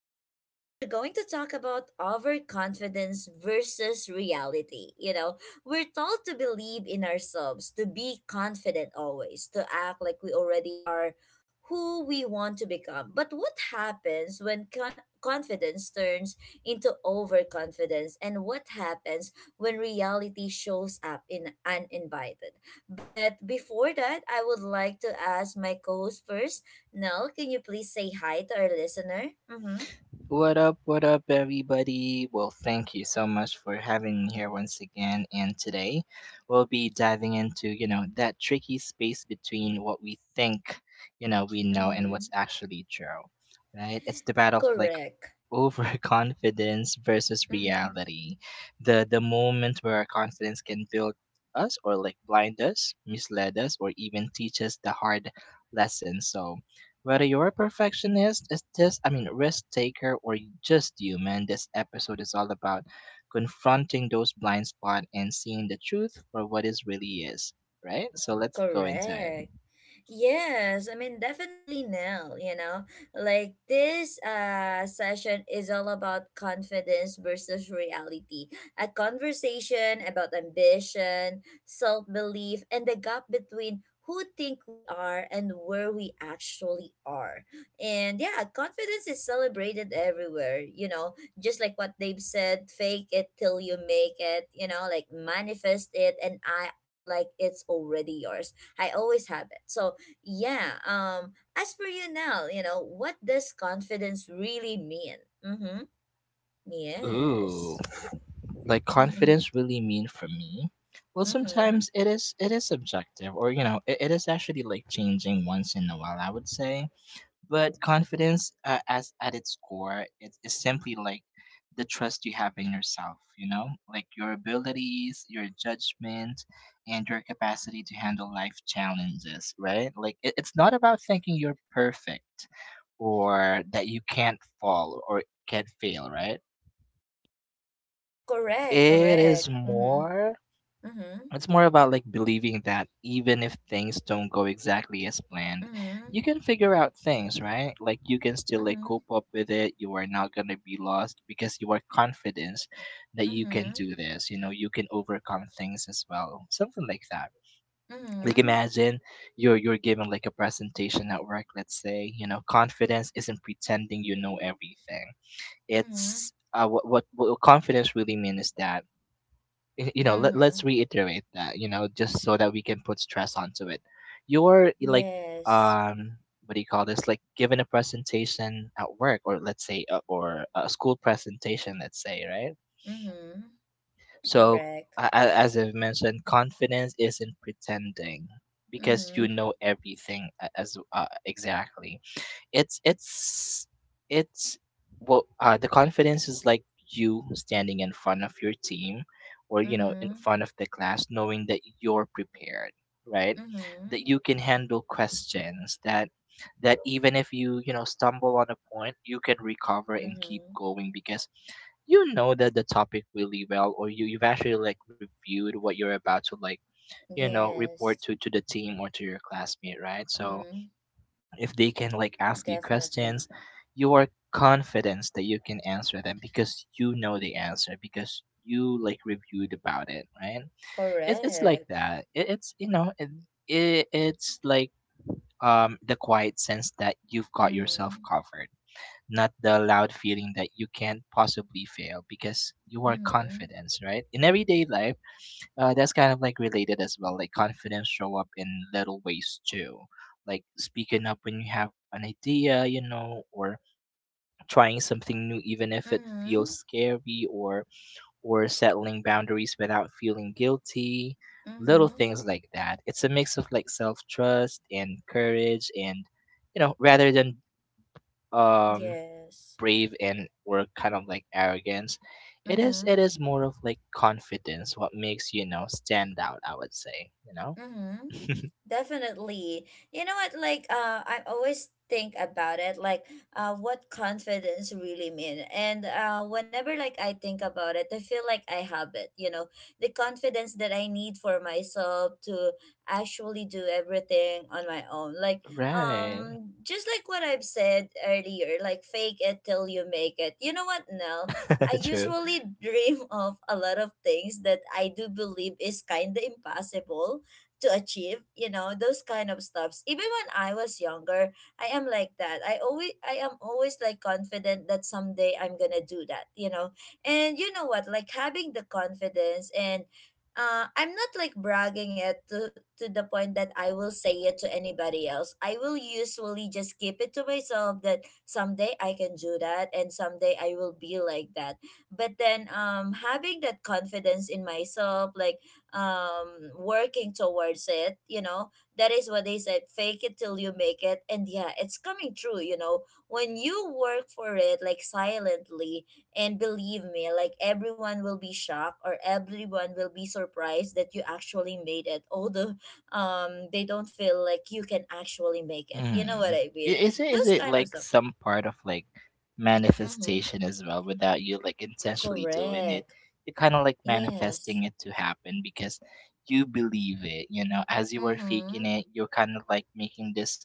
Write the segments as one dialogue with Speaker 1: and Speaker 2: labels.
Speaker 1: And today we're going to talk about overconfidence versus reality. You know, we're told to believe in ourselves, to be confident always, to act like we already are who we want to become. But what happens when confidence turns into overconfidence, and what happens when reality shows up in uninvited? But before that, I would like to ask my co-host first. Nell, can you please say hi to our listener? Mm-hmm.
Speaker 2: What up, everybody? Well, thank you so much for having me here once again. And today we'll be diving into, that tricky space between what we think, we know and
Speaker 1: Mm-hmm.
Speaker 2: what's actually true, right? It's the battle of like
Speaker 1: Correct.
Speaker 2: overconfidence versus
Speaker 1: Mm-hmm.
Speaker 2: reality, the moment where our confidence can build us or like blind us, mislead us, or even teach us the hard lesson. So whether you're a perfectionist, is this risk taker, or you just human, this episode is all about confronting those blind spots and seeing the truth for what it really is, right? So let's go into it.
Speaker 1: Correct. Yes, I mean definitely Nell, you know. Like this session is all about confidence versus reality. A conversation about ambition, self-belief, and the gap between who think we are and where we actually are. And yeah, confidence is celebrated everywhere, you know, just like what they've said, fake it till you make it, you know, like manifest it and act like it's already yours. I always have it. So yeah. As for you now, you know, what does confidence really mean? Mm-hmm.
Speaker 2: Ooh,
Speaker 1: Yes.
Speaker 2: like
Speaker 1: Mm-hmm.
Speaker 2: confidence really mean for me. Well, sometimes it is subjective, or you know it is actually like changing once in a while, I would say. But confidence, as at its core, it is simply like the trust you have in yourself, you know, like your abilities, your judgment, and your capacity to handle life challenges, right? Like it's not about thinking you're perfect or that you can't fall or can't fail, right?
Speaker 1: Correct.
Speaker 2: It is
Speaker 1: Correct. Mm-hmm.
Speaker 2: more—
Speaker 1: Mm-hmm.
Speaker 2: it's more about like believing that even if things don't go exactly as planned,
Speaker 1: Mm-hmm.
Speaker 2: you can figure out things, right? Like you can still like
Speaker 1: Mm-hmm.
Speaker 2: cope up with it. You are not going to be lost because you are confident that you can do this. You know, you can overcome things as well. Something like that.
Speaker 1: Mm-hmm.
Speaker 2: Like
Speaker 1: Mm-hmm.
Speaker 2: imagine you're given like a presentation at work, let's say. You know, confidence isn't pretending you know everything.
Speaker 1: Mm-hmm.
Speaker 2: It's what confidence really means is that you know, let's
Speaker 1: Mm-hmm.
Speaker 2: reiterate that, you know, just so that we can put stress onto it. You're like,
Speaker 1: Yes.
Speaker 2: um, what do you call this, like given a presentation at work, or let's say, or a school presentation, let's say, right?
Speaker 1: Mm-hmm.
Speaker 2: So
Speaker 1: Correct.
Speaker 2: as I've mentioned, confidence isn't pretending because you
Speaker 1: Mm-hmm.
Speaker 2: know everything, as, exactly. It's it's it's well, the confidence is like you standing in front of your team or, you know, in
Speaker 1: Mm-hmm.
Speaker 2: front of the class, knowing that you're prepared, right?
Speaker 1: Mm-hmm.
Speaker 2: That you can handle questions, that even if you, you know, stumble on a point, you can recover and keep
Speaker 1: Mm-hmm.
Speaker 2: going, because you know that the topic really well, or you've actually like reviewed what you're about to like, you know, report
Speaker 1: Yes.
Speaker 2: to the team or to your classmate, right? So
Speaker 1: Mm-hmm.
Speaker 2: if they can like ask you
Speaker 1: Definitely.
Speaker 2: questions, you are confident that you can answer them because you know the answer, because you like reviewed about it, right? It's like
Speaker 1: Correct.
Speaker 2: that. It's you know it's like, um, the quiet sense that you've got yourself
Speaker 1: Mm-hmm.
Speaker 2: covered, not the loud feeling that you can't possibly fail because you are
Speaker 1: Mm-hmm.
Speaker 2: confident, right? In everyday life, that's kind of like related as well. Like confidence show up in little ways too, like speaking up when you have an idea, you know, or trying something new even if it feels
Speaker 1: Mm-hmm.
Speaker 2: scary, or settling boundaries without feeling guilty. Little
Speaker 1: Mm-hmm.
Speaker 2: things like that. It's a mix of like self trust and courage, and you know, rather than, um,
Speaker 1: Yes.
Speaker 2: brave and or kind of like arrogance. It is
Speaker 1: Mm-hmm.
Speaker 2: it is more of like confidence, what makes you know stand out, I would say, you know.
Speaker 1: Mm-hmm. Definitely. You know what? Like, I always think about it, like, what confidence really mean. And whenever like I think about it, I feel like I have it. You know, the confidence that I need for myself to actually do everything on my own. Like,
Speaker 2: right?
Speaker 1: just like what I've said earlier, like fake it till you make it. You know what? Now I
Speaker 2: True.
Speaker 1: usually dream of a lot of things that I do believe is kind of impossible to achieve, you know, those kind of stuffs. Even when I was younger, I am like that. I am always like confident that someday I'm gonna do that, you know. And you know what, like having the confidence and I'm not like bragging it to the point that I will say it to anybody else. I will usually just keep it to myself, that someday I can do that and someday I will be like that. But then having that confidence in myself, like working towards it, you know, that is what they said, fake it till you make it. And yeah, it's coming true, you know, when you work for it like silently. And believe me, like everyone will be shocked or everyone will be surprised that you actually made it, although they don't feel like you can actually make it, you know what
Speaker 2: Mm. I-
Speaker 1: I mean?
Speaker 2: Is it is
Speaker 1: Those
Speaker 2: it
Speaker 1: kind of
Speaker 2: like
Speaker 1: stuff.
Speaker 2: some part of like
Speaker 1: Mm-hmm.
Speaker 2: manifestation as well without you like intentionally doing it?
Speaker 1: Correct.
Speaker 2: You're kind of like
Speaker 1: Yes.
Speaker 2: manifesting it to happen because you believe it, you know, as you are
Speaker 1: Mm-hmm.
Speaker 2: faking it, you're kind of like making this,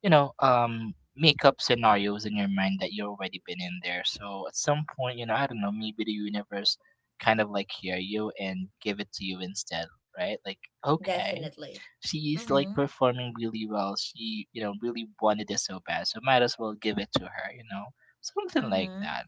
Speaker 2: you know, um, make up scenarios in your mind that you've already been in there. So at some point, you know, I don't know, maybe the universe kind of like hear you and give it to you instead, right? Like, okay,
Speaker 1: Definitely.
Speaker 2: she is like
Speaker 1: Mm-hmm.
Speaker 2: performing really well. She, you know, really wanted it so bad. So might as well give it to her, you know? Something like
Speaker 1: Mm-hmm.
Speaker 2: that.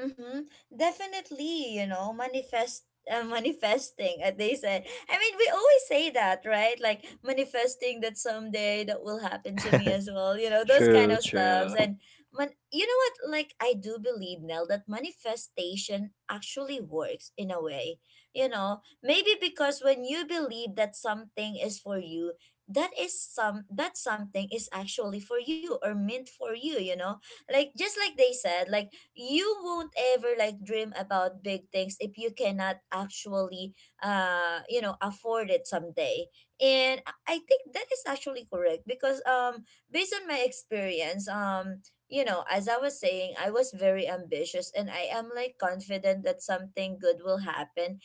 Speaker 1: Mm-hmm. Definitely, you know, manifest manifesting, as they said. I mean, we always say that, right? Like manifesting that someday that will happen to me as well. You know, those kind
Speaker 2: true,
Speaker 1: of stuffs.
Speaker 2: true,
Speaker 1: And man, you know what? Like I do believe, Nell, that manifestation actually works in a way. You know, maybe because when you believe that something is for you, that something is actually for you or meant for you. You know, like just like they said, like you won't ever like dream about big things if you cannot actually you know, afford it someday. And I think that is actually correct, because based on my experience, you know, as I was saying, I was very ambitious and I am like confident that something good will happen.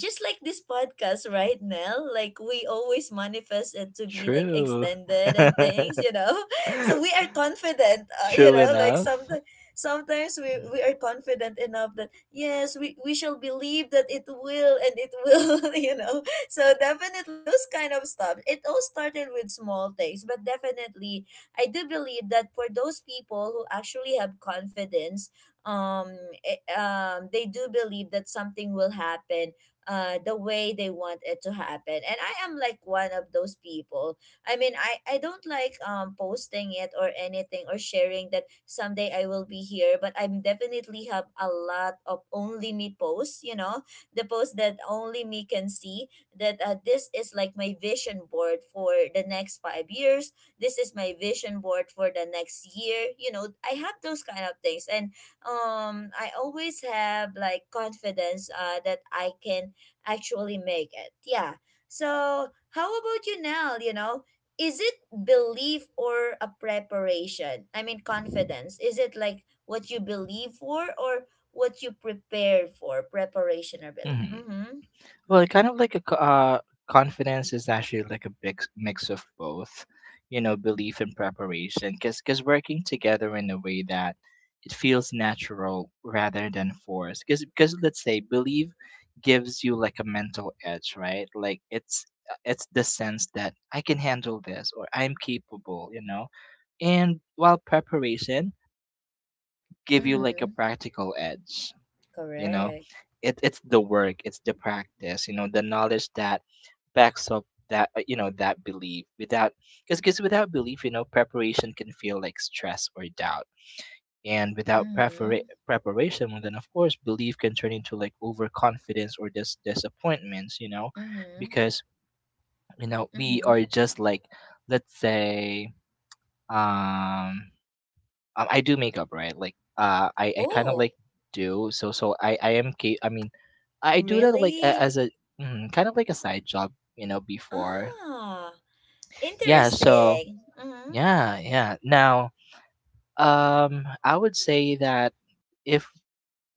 Speaker 1: Just like this podcast right now, like we always manifest it to be like
Speaker 2: true.
Speaker 1: extended and things, you know. So we are confident, you
Speaker 2: true
Speaker 1: know, like
Speaker 2: enough.
Speaker 1: sometimes we are confident enough that yes, we shall believe that it will, and it will. You know, so definitely those kind of stuff, it all started with small things. But definitely I do believe that for those people who actually have confidence, um, they do believe that something will happen the way they want it to happen. And I am like one of those people. I mean, I don't like posting it or anything, or sharing that someday I will be here, but I'm definitely have a lot of only me posts, you know, the posts that only me can see, that this is like my vision board for the next 5 years. This is my vision board for the next year. You know, I have those kind of things. And I always have like confidence that I can actually make it. Yeah. So, how about you now, you know? Is it belief or a preparation? I mean, confidence. Is it like what you believe for or what you prepare for? Preparation or belief?
Speaker 2: Mhm.
Speaker 1: Mm-hmm.
Speaker 2: Well, kind of like a confidence is actually like a big mix of both, you know, belief and preparation. Because working together in a way that it feels natural rather than forced. Because let's say belief gives you like a mental edge, right? Like it's the sense that I can handle this or I'm capable, you know. And while preparation give you like a
Speaker 1: Mm-hmm.
Speaker 2: practical edge, you know,
Speaker 1: Correct.
Speaker 2: it's the work, it's the practice, you know, the knowledge that backs up that, you know, that belief without— because without belief, you know, preparation can feel like stress or doubt, and without
Speaker 1: Mm-hmm.
Speaker 2: preparation, well then of course belief can turn into like overconfidence or disappointments, you know.
Speaker 1: Mm-hmm.
Speaker 2: Because, you know, we
Speaker 1: Mm-hmm.
Speaker 2: are just like, let's say, um, I do makeup, right? Like, I kind of
Speaker 1: Oh,
Speaker 2: like do so. So I am. I mean, I do that like
Speaker 1: really?
Speaker 2: as a, mm, kind of like a side job, you know. Before,
Speaker 1: Ah,
Speaker 2: yeah. So
Speaker 1: interesting. Mm-hmm.
Speaker 2: yeah, yeah. Now, I would say that if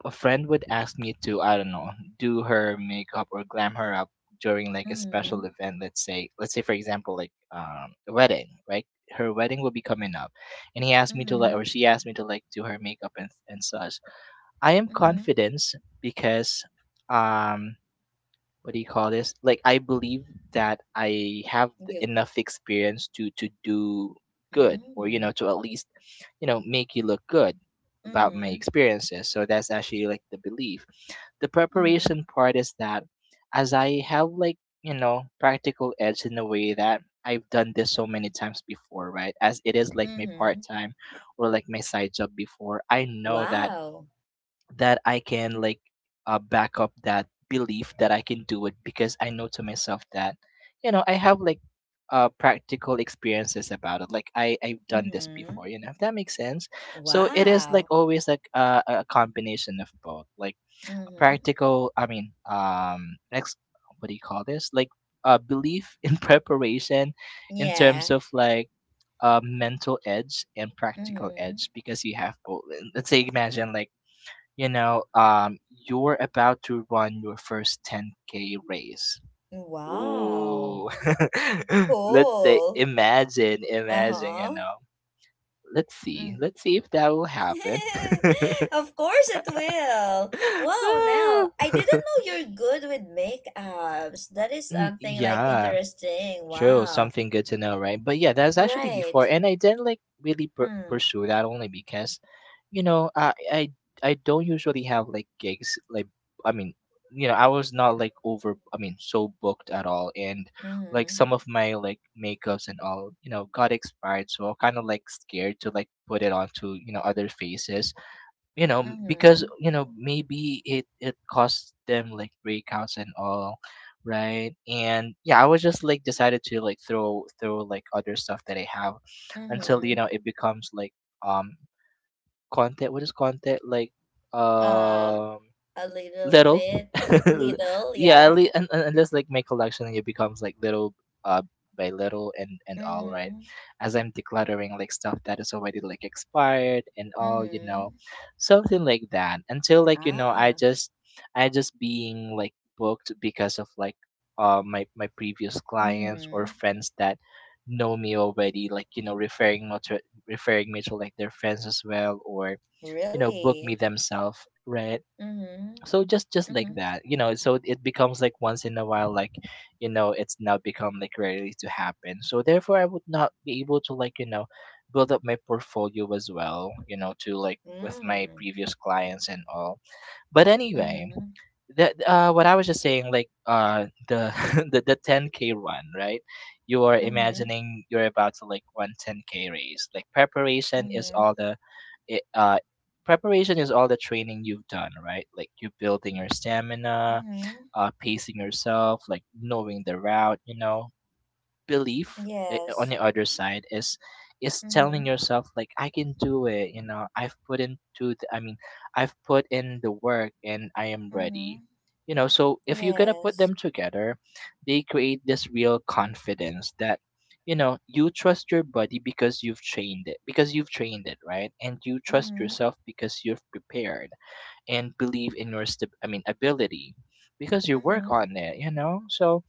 Speaker 2: a friend would ask me to, I don't know, do her makeup or glam her up during like a special
Speaker 1: Mm-hmm.
Speaker 2: event, let's say for example, like, a wedding, right? Her wedding will be coming up, and he asked me to like, or
Speaker 1: Mm-hmm.
Speaker 2: she asked me to like do her makeup and such. I am
Speaker 1: Mm-hmm.
Speaker 2: confident because, um, what do you call this? Like I believe that I have
Speaker 1: You.
Speaker 2: enough experience to do good, or you
Speaker 1: Mm-hmm.
Speaker 2: know, to at least, you know, make you look good about my
Speaker 1: Mm-hmm.
Speaker 2: experiences. So that's actually like the belief. The
Speaker 1: Mm-hmm.
Speaker 2: preparation part is that as I have like, you know, practical edge in a way that I've done this so many times before, right? As it is like my
Speaker 1: Mm-hmm.
Speaker 2: part time or like my side job before, I know that
Speaker 1: Wow.
Speaker 2: I can like, back up that belief that I can do it because I know to myself that, you know, I have like, practical experiences about it. Like I've done this
Speaker 1: Mm-hmm.
Speaker 2: before, you know, if that makes sense. So it is
Speaker 1: Wow.
Speaker 2: like always like, a combination of both. Like a
Speaker 1: Mm-hmm.
Speaker 2: practical, I mean, um, what do you call this? Like, belief in preparation in
Speaker 1: Yeah.
Speaker 2: terms of like, mental edge and practical
Speaker 1: Mm-hmm.
Speaker 2: edge because you have both. Let's say imagine like, you know, you're about to run your first 10K race.
Speaker 1: Wow.
Speaker 2: Ooh. let's say,
Speaker 1: Cool.
Speaker 2: imagine, imagine, you
Speaker 1: Uh-huh.
Speaker 2: know. Let's see.
Speaker 1: Mm.
Speaker 2: Let's see if that will happen.
Speaker 1: Of course it will. Wow,
Speaker 2: Ah.
Speaker 1: Nell, I didn't know you're good with makeups. That is
Speaker 2: Mm,
Speaker 1: something like
Speaker 2: yeah,
Speaker 1: interesting.
Speaker 2: true.
Speaker 1: Wow.
Speaker 2: Something good to know, right? But yeah, that's actually
Speaker 1: Right.
Speaker 2: before. And I didn't like really
Speaker 1: Mm.
Speaker 2: pursue that only because, you know, I don't usually have like gigs like, I mean, you know, I was not like over, I mean, so booked at all, and like
Speaker 1: Mm-hmm.
Speaker 2: some of my like makeups and all, you know, got expired, so I'm kind of like scared to like put it onto, you know, other faces. You know,
Speaker 1: Mm-hmm.
Speaker 2: because, you know, maybe it costs them like breakouts and all. Right. And yeah, I was just like decided to like throw like other stuff that I have until, you
Speaker 1: Mm-hmm.
Speaker 2: know, it becomes like, um, content, what is content, like,
Speaker 1: Um,
Speaker 2: um,
Speaker 1: a little
Speaker 2: little.
Speaker 1: bit. Little,
Speaker 2: yeah,
Speaker 1: yeah.
Speaker 2: at least, unless like my collection it becomes like little, uh, by little and all, right,
Speaker 1: Mm-hmm.
Speaker 2: as I'm decluttering like stuff that is already like expired and all, you
Speaker 1: Mm-hmm.
Speaker 2: know, something like that, until like, you know, i
Speaker 1: Ah.
Speaker 2: just i just being like booked because of like, my previous clients or
Speaker 1: Mm-hmm.
Speaker 2: friends that know me already like, you know, referring me to like their friends as well, or you know, book
Speaker 1: Really?
Speaker 2: me themselves, right?
Speaker 1: Mm-hmm.
Speaker 2: So just
Speaker 1: Mm-hmm.
Speaker 2: just like that, you know, so it becomes like once in a while, like, you know, it's now become like rarely to happen, so therefore I would not be able to like, you know, build up my portfolio as well, you know, to like with
Speaker 1: Mm.
Speaker 2: my previous clients and all. But anyway,
Speaker 1: Mm-hmm.
Speaker 2: that, what I was just saying, like, the the 10K run, right? You are
Speaker 1: Mm-hmm.
Speaker 2: imagining you're about to like run 10K race. Like preparation is
Speaker 1: Mm-hmm.
Speaker 2: all the it, uh preparation is all the training you've done, right? Like you building your stamina,
Speaker 1: Mm-hmm.
Speaker 2: uh, pacing yourself, like knowing the route, you know. Belief, on
Speaker 1: Yes.
Speaker 2: the other side, is— is telling
Speaker 1: Mm-hmm.
Speaker 2: yourself like I can do it, you know, I've put in the work and I am
Speaker 1: Mm-hmm.
Speaker 2: ready, you know. So if you're gonna put
Speaker 1: Yes.
Speaker 2: them together, they create this real confidence that, you know, you trust your body because you've trained it right, and you trust
Speaker 1: Mm-hmm.
Speaker 2: yourself because you've prepared and believe in your ability because you work
Speaker 1: Mm-hmm.
Speaker 2: on it, you know. So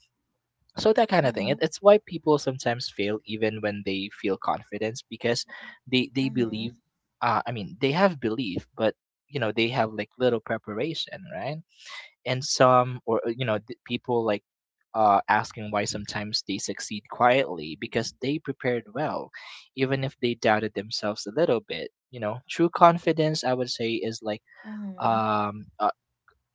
Speaker 2: that kind of thing, it,
Speaker 1: Mm-hmm.
Speaker 2: it's why people sometimes fail even when they feel confidence because they
Speaker 1: Mm-hmm.
Speaker 2: believe they have belief, but you know they have like little preparation, right? And some, or you know, people like asking why sometimes they succeed quietly because they prepared well, even if they doubted themselves a little bit. You know, true confidence I would say is like
Speaker 1: Mm-hmm.
Speaker 2: um uh,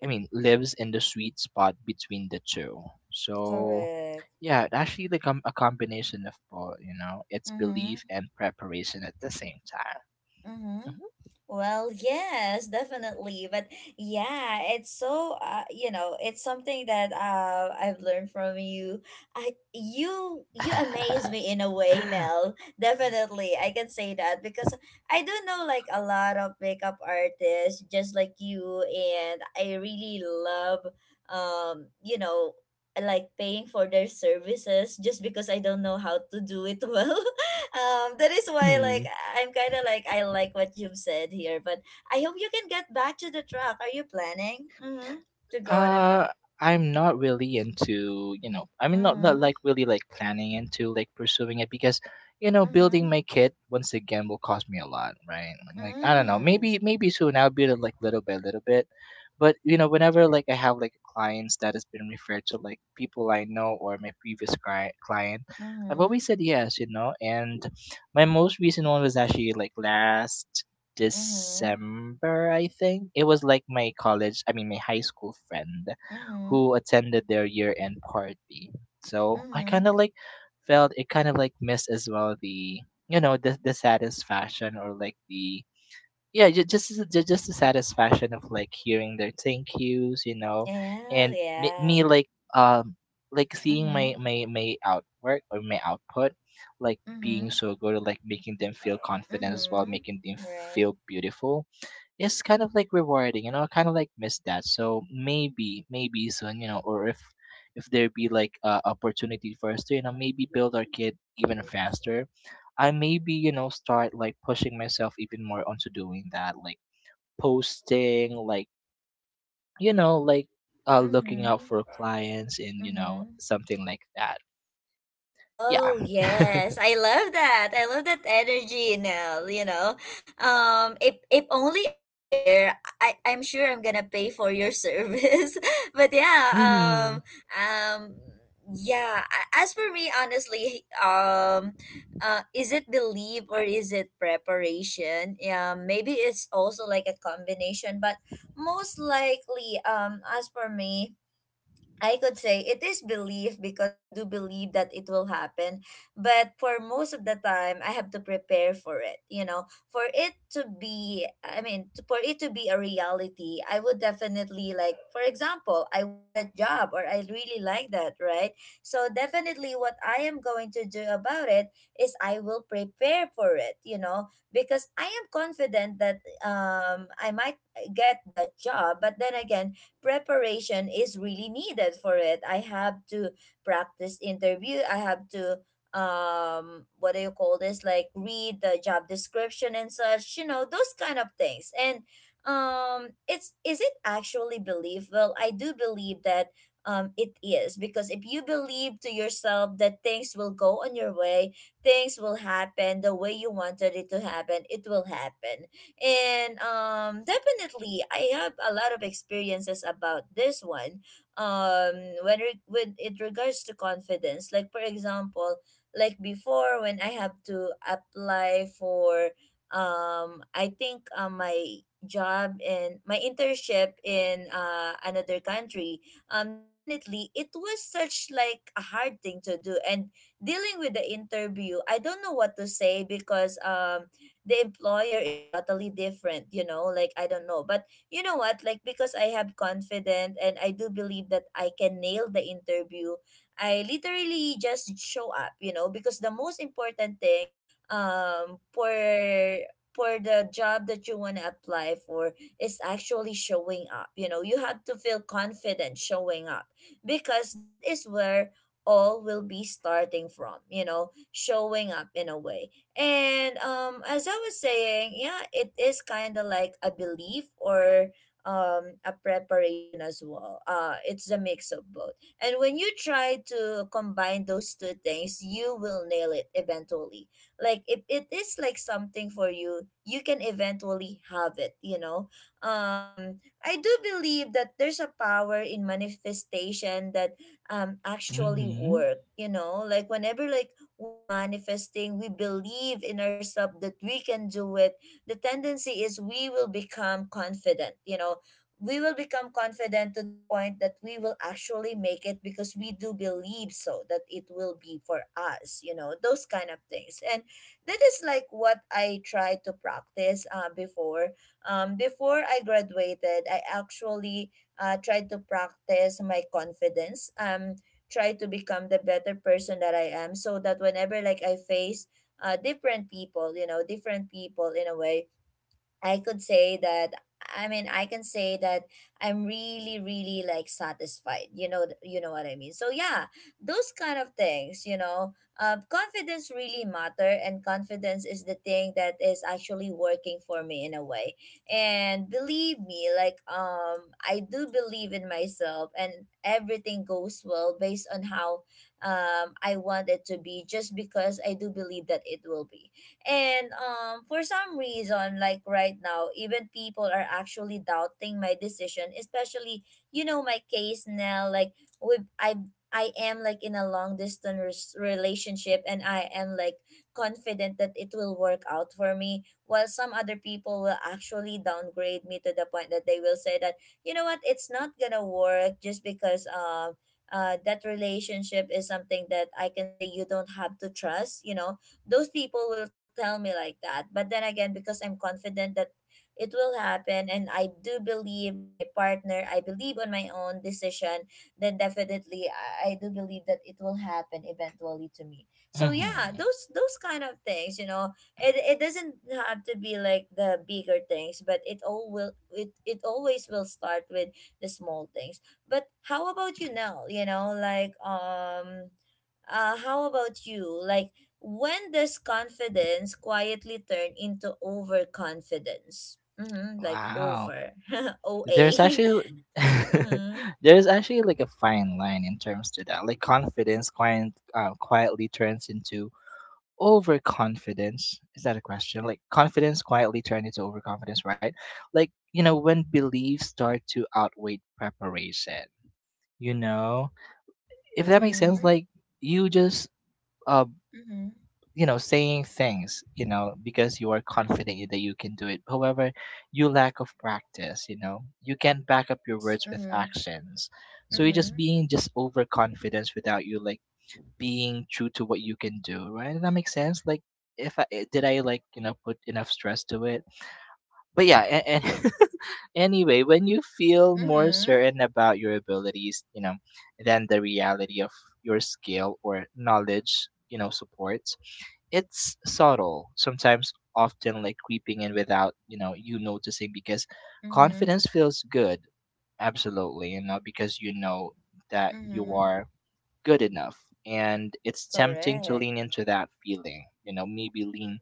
Speaker 2: lives in the sweet spot between the two. So
Speaker 1: Correct.
Speaker 2: yeah, it actually like a combination of both, you know. It's
Speaker 1: Mm-hmm.
Speaker 2: belief and preparation at the same time.
Speaker 1: Mm-hmm.
Speaker 2: Mhm.
Speaker 1: Well, yes, definitely. But yeah, it's so you know, it's something that I've learned from you. I You, you amaze me in a way, Nell. Definitely. I can say that because I do know like a lot of makeup artists just like you, and I really love you know, like paying for their services, just because I don't know how to do it well. That is why, like,
Speaker 2: Hmm.
Speaker 1: I like what you've said here, but I hope you can get back to the truck. Are you planning, mm-hmm, to go on the
Speaker 2: Uh,
Speaker 1: truck?
Speaker 2: I'm not really into, you know, I mean, not
Speaker 1: Mm-hmm.
Speaker 2: like really like planning into like pursuing it because, you know,
Speaker 1: Mm-hmm.
Speaker 2: building my kit once again will cost me a lot, right? Like, I don't know,
Speaker 1: Mm-hmm.
Speaker 2: maybe soon I'll build it like little by little bit. But, you know, whenever like I have like clients that has been referred to like people I know or my previous client, I've
Speaker 1: Mm-hmm.
Speaker 2: always said yes, you know, and my most recent one was actually like last
Speaker 1: Mm-hmm.
Speaker 2: December, I think. It was like my college, I mean, my high school friend
Speaker 1: Mm-hmm.
Speaker 2: who attended their year end party. So I
Speaker 1: Mm-hmm.
Speaker 2: kind of like felt it kind of like missed as well the satisfaction or like the, yeah, ju- just the satisfaction of like hearing their thank yous, you know,
Speaker 1: Yeah,
Speaker 2: and me,
Speaker 1: yeah.
Speaker 2: me um like seeing my
Speaker 1: Mm-hmm.
Speaker 2: my outwork or my output, like being
Speaker 1: Mm-hmm.
Speaker 2: so good or like making them feel confident as well,
Speaker 1: Mm-hmm.
Speaker 2: making them
Speaker 1: Right.
Speaker 2: feel beautiful. It's kind of like rewarding, you know, I kind of like miss that. So maybe soon, you know, or if there be like a opportunity for us to, you know, maybe build our kid even faster, I maybe, you know, start like pushing myself even more onto doing that, like posting, like, you know, like looking out
Speaker 1: Mm-hmm.
Speaker 2: for clients and, you know,
Speaker 1: Mm-hmm.
Speaker 2: something like that. Yeah.
Speaker 1: Oh yes, I love that. I love that energy, Nell, you know. If only I'm there, I'm sure I'm going to pay for your service. But yeah,
Speaker 2: Mm-hmm.
Speaker 1: um yeah, as for me honestly, is it belief or is it preparation? Yeah, maybe it's also like a combination, but most likely as for me, I could say it is belief, because I do believe that it will happen. But for most of the time, I have to prepare for it. You know, for it to be, I mean, for it to be a reality, I would definitely like, for example, I want that job or I really like that, right? So definitely what I am going to do about it is I will prepare for it, you know, because I am confident that I might get that job. But then again, preparation is really needed for it. I have to practice interview. I have to what do you call this, like, read the job description and such, you know, those kind of things. And it's, is it actually believable? I do believe that it is, because if you believe to yourself that things will go on your way, things will happen the way you wanted it to happen, it will happen. And definitely, I have a lot of experiences about this one. When with it regards to confidence, like for example, like before when I have to apply for I think my job and my internship in another country, definitely it was such like a hard thing to do. And dealing with the interview, I don't know what to say because the employer is totally different, you know. Like, I don't know, but you know what, like because I have confidence and I do believe that I can nail the interview, I literally just show up, you know, because the most important thing um for for the job that you want to apply for is actually showing up. You know, you have to feel confident showing up, because that is where all will be starting from, you know, showing up in a way. And as I was saying, yeah, it is kind of like a belief or a preparation as well. It's a mix of both. And when you try to combine those two things, you will nail it eventually. Like if it is like something for you, you can eventually have it. You know, I do believe that there's a power in manifestation that actually
Speaker 2: Mm-hmm.
Speaker 1: work. You know, like whenever like we manifesting, we believe in ourselves that we can do it, the tendency is we will become confident, you know. We will become confident to the point that we will actually make it because we do believe so that it will be for us, you know, those kind of things. And that is like what I tried to practice before. Before I graduated, I actually tried to practice my confidence. Try to become the better person that I am so that whenever like I face different people, you know, different people in a way, I could say that I mean I can say that I'm really like satisfied. You know what I mean. So yeah, those kind of things, you know. Confidence really matter and confidence is the thing that is actually working for me in a way. And believe me, like I do believe in myself and everything goes well based on how I want it to be just because I do believe that it will be. And For some reason, like right now, even people are actually doubting my decision, especially, you know, my case now, like we I am like in a long distance relationship and I am like confident that it will work out for me, while some other people will actually downgrade me to the point that they will say that, you know what, it's not gonna work just because that relationship is something that I can say you don't have to trust, you know. Those people will tell me like that, but then again, because I'm confident that it will happen and I do believe on my partner, I believe on my own decision, then definitely I do believe that it will happen eventually to me. So yeah,
Speaker 2: Mm-hmm.
Speaker 1: those kind of things, you know. It doesn't have to be like the bigger things, but it all will, it always will start with the small things. But how about you now? You know, like how about you, like when does confidence quietly turn into overconfidence? Mm-hmm, like
Speaker 2: Wow.
Speaker 1: over, OA.
Speaker 2: There's actually
Speaker 1: Mm-hmm,
Speaker 2: there's actually like a fine line in terms to that. Like confidence quietly turns into overconfidence. Is that a question? Like confidence quietly turns into overconfidence, right? Like, you know, when beliefs start to outweigh preparation. You know, if that makes sense.
Speaker 1: mm-hmm,
Speaker 2: Like you just uh
Speaker 1: mm-hmm.
Speaker 2: you know saying things, you know, because you are confident that you can do it, however you lack of practice, you know, you can't back up your
Speaker 1: Practice.
Speaker 2: words with
Speaker 1: Mm-hmm,
Speaker 2: actions, so you're
Speaker 1: mm-hmm,
Speaker 2: just being just overconfidence without you like being true to what you can do, right? Does that make sense? Like if I did I like, you know, put enough stress to it, but yeah, and anyway, when you feel more
Speaker 1: mm-hmm,
Speaker 2: certain about your abilities, you know, than the reality of your skill or knowledge, you know, supports. It's subtle sometimes, often like creeping in without, you know, you noticing because
Speaker 1: mm-hmm,
Speaker 2: confidence feels good, absolutely, you know, because you know that you
Speaker 1: mm-hmm.
Speaker 2: are good enough, and it's tempting to
Speaker 1: Correct.
Speaker 2: lean into that feeling, you know, maybe lean,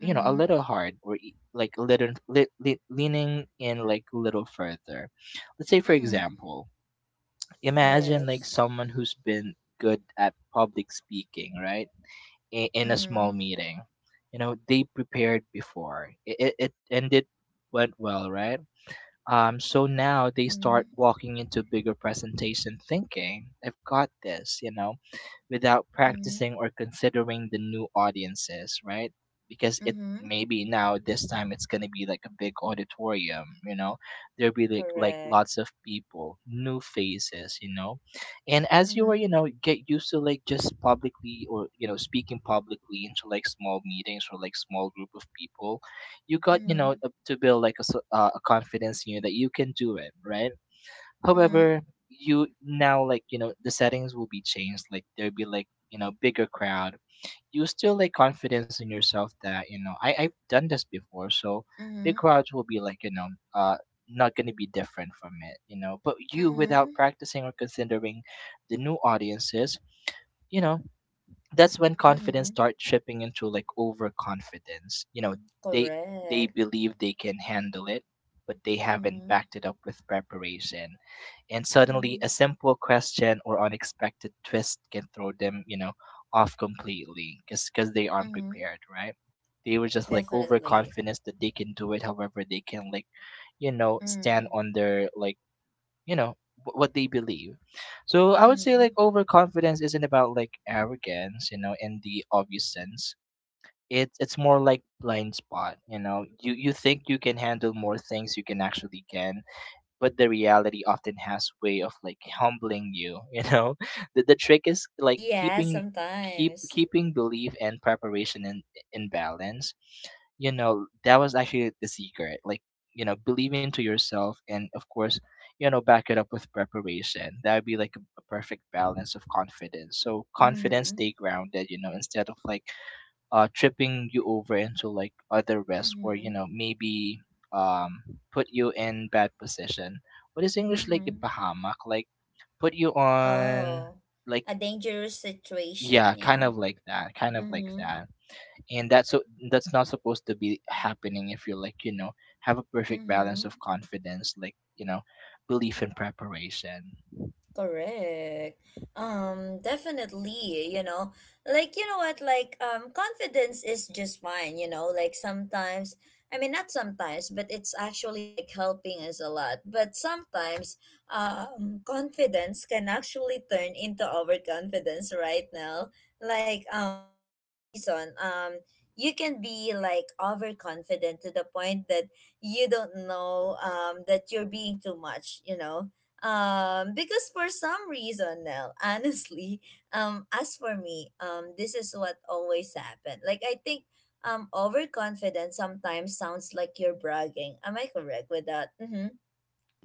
Speaker 2: you know, a
Speaker 1: Mm-hmm,
Speaker 2: little hard or like a little leaning in like a little further. Let's say, for
Speaker 1: mm-hmm.
Speaker 2: example, imagine like
Speaker 1: Yes.
Speaker 2: someone who's been good at public speaking, right, in a
Speaker 1: Mm-hmm,
Speaker 2: small meeting, you know, they prepared before it went well, right? Um, so
Speaker 1: mm-hmm,
Speaker 2: now they start walking into bigger presentation thinking, I've got this, you know, without
Speaker 1: mm-hmm,
Speaker 2: practicing or considering the new audiences, right? Because it
Speaker 1: mm-hmm.
Speaker 2: maybe now this time it's gonna be like a big auditorium, you know. There'll be like
Speaker 1: Correct.
Speaker 2: lots of people, new faces, you know. And as you
Speaker 1: Mm-hmm,
Speaker 2: were, you know, get used to like just publicly or, you know, speaking publicly into like small meetings or like small group of people, you got, you know,
Speaker 1: mm-hmm,
Speaker 2: to build like a confidence in you that you can do it, right?
Speaker 1: mm-hmm,
Speaker 2: However, you now like, you know, the settings will be changed, like there'll be, like, you know, bigger crowd. You still like confidence in yourself that you know I've done this before, so
Speaker 1: mm-hmm,
Speaker 2: big crowds will be like, you know, uh not going to be different from it, you know, but you without
Speaker 1: mm-hmm,
Speaker 2: practicing or considering the new audiences, you know, that's when confidence
Speaker 1: mm-hmm.
Speaker 2: starts tripping into like overconfidence. You know, they they
Speaker 1: Correct.
Speaker 2: believe they can handle it, but they haven't
Speaker 1: Mm-hmm,
Speaker 2: backed it up with preparation. And suddenly a
Speaker 1: mm-hmm.
Speaker 2: simple question or unexpected twist can throw them, you know, off completely because they aren't
Speaker 1: Mm-hmm.
Speaker 2: prepared, right? They were just like
Speaker 1: Definitely.
Speaker 2: overconfident that they can do it, however they can like, you know, stand on
Speaker 1: Mm.
Speaker 2: their like, you know, what they believe. So I would say like
Speaker 1: Mm.
Speaker 2: overconfidence isn't about like arrogance, you know, in the obvious sense. It's more like blind spot, you know, you think you can handle more things you can actually can, but the reality often has way of like humbling you, you know. The trick is like
Speaker 1: Yeah,
Speaker 2: keeping keep
Speaker 1: sometimes.
Speaker 2: keeping belief and preparation in balance, you know. That was actually the secret, like, you know, believe into yourself and of course, you know, back it up with preparation. That would be like a perfect balance of confidence, so confidence
Speaker 1: Mm-hmm.
Speaker 2: stay grounded, you know, instead of like tripping you over into like other risks or, you
Speaker 1: Mm-hmm.
Speaker 2: know, maybe um, put you in bad position. What is english like
Speaker 1: Mm-hmm.
Speaker 2: ipahamak, like put you on,
Speaker 1: Oh,
Speaker 2: like,
Speaker 1: a dangerous
Speaker 2: yeah,
Speaker 1: situation.
Speaker 2: kind
Speaker 1: Yeah.
Speaker 2: of like that, kind of like
Speaker 1: Mm-hmm.
Speaker 2: that. And that's not supposed to be happening if you like, you know, have a perfect balance
Speaker 1: Mm-hmm.
Speaker 2: of confidence, like, you know, belief and preparation.
Speaker 1: Correct. Definitely, you know. Like, you know what, like, confidence is just fine, you know. Like sometimes, I mean, not sometimes, but it's actually like helping us a lot. But sometimes, confidence can actually turn into overconfidence right now. Like, for some reason, you can be like overconfident to the point that you don't know, that you're being too much, you know. Because for some reason now, honestly, as for me, this is what always happened, like I think overconfidence sometimes sounds like you're bragging. Am I correct with that? Mhm.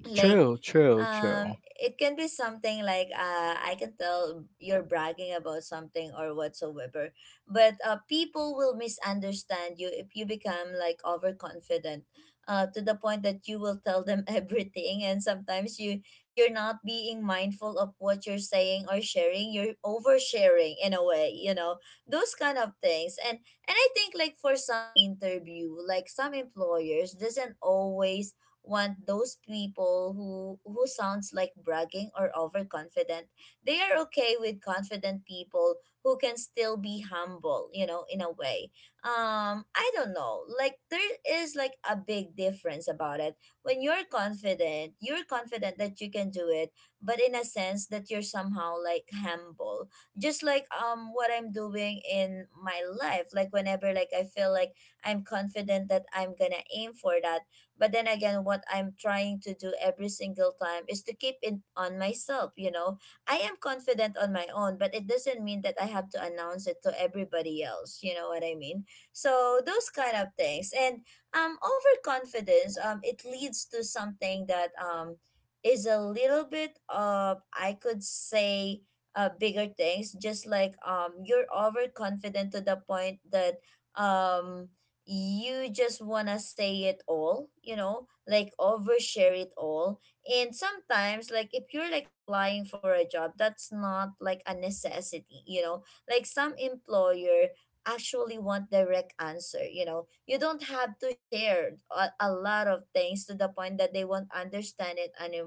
Speaker 1: Like,
Speaker 2: True, true,
Speaker 1: um
Speaker 2: true.
Speaker 1: it can be something like, I can tell you're bragging about something or whatsoever, but people will misunderstand you if you become like overconfident to the point that you will tell them everything, and sometimes you're not being mindful of what you're saying or sharing. You're oversharing in a way, you know, those kind of things. And I think like for some interview, like some employers doesn't always want those people who sounds like bragging or overconfident. They are okay with confident people who can still be humble, you know, in a way. I don't know, like there is like a big difference about it. When you're confident, you're confident that you can do it, but in a sense that you're somehow like humble. Just like what I'm doing in my life, like whenever like I feel like I'm confident that I'm gonna aim for that, but then again, what I'm trying to do every single time is to keep it on myself, you know. I am confident on my own, but it doesn't mean that I have to announce it to everybody else, you know what I mean? So those kind of things. And overconfidence, it leads to something that is a little bit of, I could say, bigger things. Just like you're overconfident to the point that um you just want to say it all, you know, like overshare it all. And sometimes, like, if you're like applying for a job, that's not like a necessity, you know, like some employer actually want direct answer. You know, you don't have to share a lot of things to the point that they won't understand it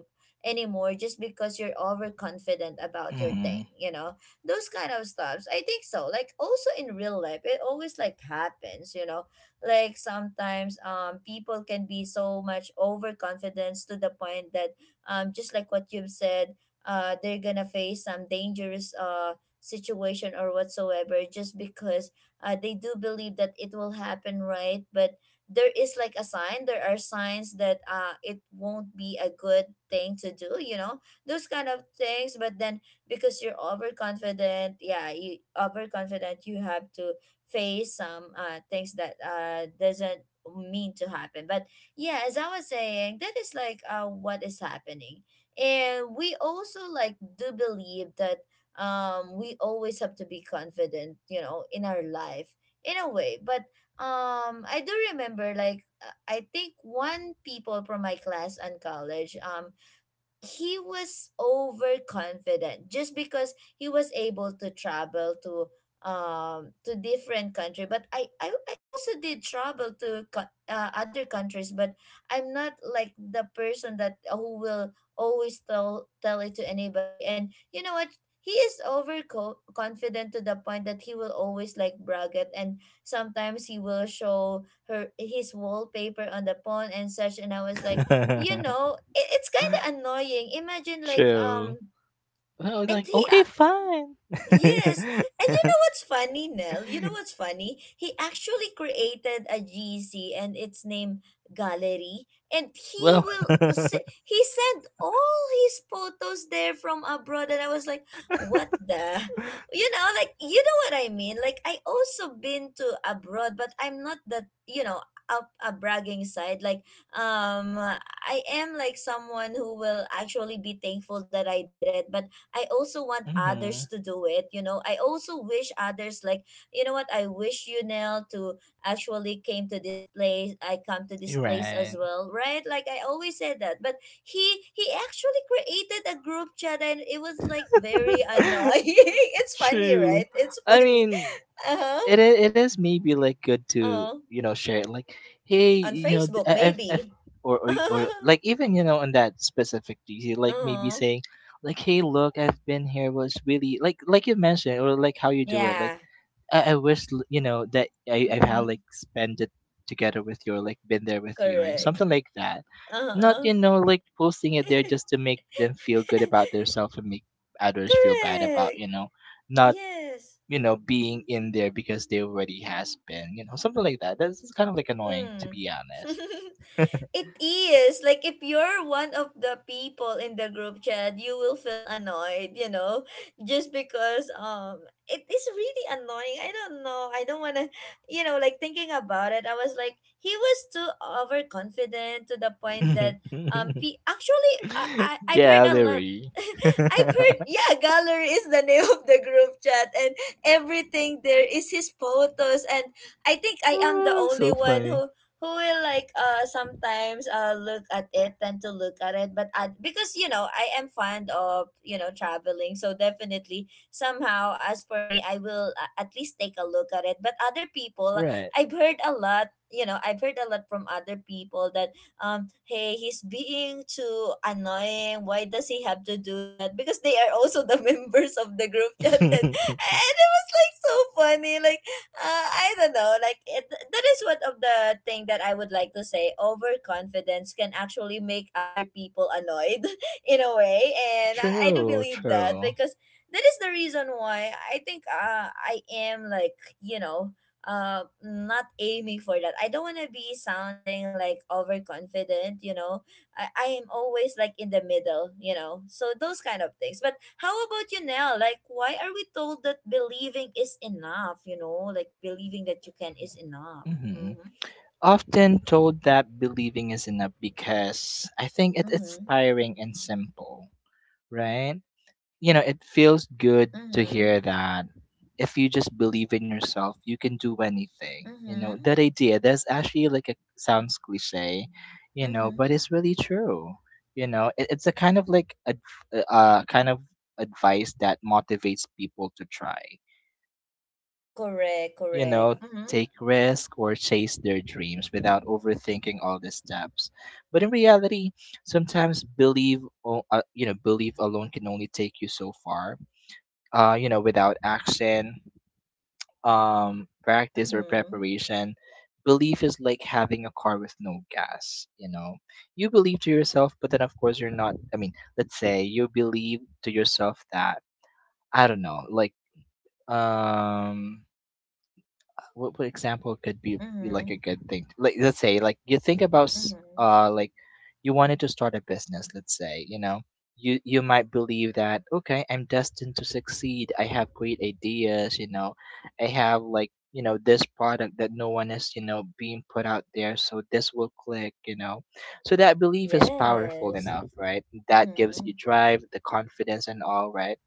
Speaker 1: anymore just because you're overconfident about your thing,
Speaker 2: Hmm.
Speaker 1: you know, those kind of stuffs. I think so. Like also in real life it always like happens, you know. Like sometimes people can be so much overconfident to the point that, just like what you've said, they're gonna face some dangerous situation or whatsoever just because they do believe that it will happen, right? But there is like a sign, there are signs that it won't be a good thing to do, you know, those kind of things. But then because you're overconfident, yeah, you overconfident, you have to face some things that doesn't mean to happen. But yeah, as I was saying, that is like what is happening. And we also like do believe that we always have to be confident, you know, in our life in a way. But I do remember like, I think one people from my class and college, he was overconfident just because he was able to travel to, to different country. But I also did travel to other countries, but I'm not like the person that who will always tell it to anybody. And you know what, he is confident to the point that he will always like brag it, and sometimes he will show her his wallpaper on the phone and such, and I was like, you know, it's kind of annoying. Imagine like,
Speaker 2: True. Well, I was
Speaker 1: and
Speaker 2: like,
Speaker 1: he
Speaker 2: okay, fine.
Speaker 1: Yes. And you know what's funny, Nell? You know what's funny? He actually created a GC, and it's named Gallery. And he
Speaker 2: Well,
Speaker 1: will he sent all his photos there from abroad, and I was like, what the? You know, like you know what I mean? Like I also been to abroad, but I'm not that, you know, up a bragging side. Like I am like someone who will actually be thankful that I did it. But I also want others
Speaker 2: hmm,
Speaker 1: to do it. You know, I also wish others like, you know what, I wish you, Nell, to actually came to this place. I come to this
Speaker 2: you're
Speaker 1: place as
Speaker 2: right.
Speaker 1: well, right? Like I always said that. But he actually created a group chat and it was like very annoying. It's funny,
Speaker 2: True.
Speaker 1: right? It's
Speaker 2: I
Speaker 1: funny.
Speaker 2: mean,
Speaker 1: Uh huh.
Speaker 2: it is maybe like good
Speaker 1: Uh
Speaker 2: to,
Speaker 1: huh.
Speaker 2: you know, share it. Like, hey,
Speaker 1: On
Speaker 2: you know, th-
Speaker 1: Facebook,
Speaker 2: I- I've I've
Speaker 1: maybe.
Speaker 2: or or,
Speaker 1: uh
Speaker 2: or like even, you know, on that specific DC, like
Speaker 1: huh.
Speaker 2: maybe saying like, hey, look, I've been here was really like you mentioned or like how you do it. Like
Speaker 1: Yeah.
Speaker 2: I wish, you know, that I had
Speaker 1: Mm-hmm.
Speaker 2: like spend it together with you, or like been there with you, right?
Speaker 1: Correct.
Speaker 2: Something like that.
Speaker 1: Uh
Speaker 2: Not,
Speaker 1: huh.
Speaker 2: you know, like posting it there just to make them feel good about themselves and make others feel bad about,
Speaker 1: Correct.
Speaker 2: you know, not,
Speaker 1: Yes.
Speaker 2: you know, being in there because they already has been, you know, something like that. That's kind of like annoying to
Speaker 1: Mm.
Speaker 2: be honest.
Speaker 1: It is like if you're one of the people in the group chat, you will feel annoyed, you know, just because it is really annoying. I don't know. I don't want to, you know, like thinking about it. I was like he was too overconfident to the point that, p actually I've heard a lot.
Speaker 2: Gallery.
Speaker 1: I've heard, yeah, gallery is the name of the group chat, and everything there is his photos. And I think I am the
Speaker 2: Ah,
Speaker 1: only
Speaker 2: so
Speaker 1: one
Speaker 2: funny.
Speaker 1: who will like sometimes look at it, tend to look at it. Because you know I am fond of, you know, traveling, so definitely somehow as for me I will, at least take a look at it. But other people,
Speaker 2: Right.
Speaker 1: I've heard a lot, you know, I've heard a lot from other people that, hey, he's being too annoying, why does he have to do that? Because they are also the members of the group chat. and, and like so funny. Like I don't know. Like it, that is one of the thing that I would like to say. Overconfidence can actually make other people annoyed in a way, and I do
Speaker 2: True,
Speaker 1: believe that
Speaker 2: true.
Speaker 1: because that is the reason why I think I am like, you know, not aiming for that. I don't want to be sounding like overconfident, you know. I am always like in the middle, you know. So those kind of things. But how about you now? Like why are we told that believing is enough, you know? Like believing that you can is enough.
Speaker 2: Hmm.
Speaker 1: Mhm.
Speaker 2: Often told that believing is enough because I think it's
Speaker 1: Mhm.
Speaker 2: inspiring and simple, right? You know, it feels good to hear
Speaker 1: Mhm.
Speaker 2: that if you just believe in yourself, you can do anything. You know,
Speaker 1: Mhm.
Speaker 2: that idea, that's actually like a sounds cliche, you know,
Speaker 1: Mhm.
Speaker 2: but it's really true. You know, it's a kind of like a kind of advice that motivates people to try.
Speaker 1: Correct,
Speaker 2: You know,
Speaker 1: correct. Mhm.
Speaker 2: take risk or chase their dreams without overthinking all the steps. But in reality, sometimes you know, belief alone can only take you so far, you know, without action, practice or
Speaker 1: Mhm.
Speaker 2: preparation, belief is like having a car with no gas. You know, you believe to yourself, but then of course you're not. I mean, let's say you believe to yourself that I don't know, like um what example could be like a
Speaker 1: Mhm.
Speaker 2: good thing? Like let's say like you think about
Speaker 1: Mhm.
Speaker 2: like you wanted to start a business, let's say, you know. You might believe that okay, I'm destined to succeed. I have great ideas, you know. I have like, you know, this product that no one is, you know, being put out there, so this will click, you know. So that belief is powerful
Speaker 1: Yes.
Speaker 2: enough, right? That gives you
Speaker 1: Mhm.
Speaker 2: drive, the confidence and all, right?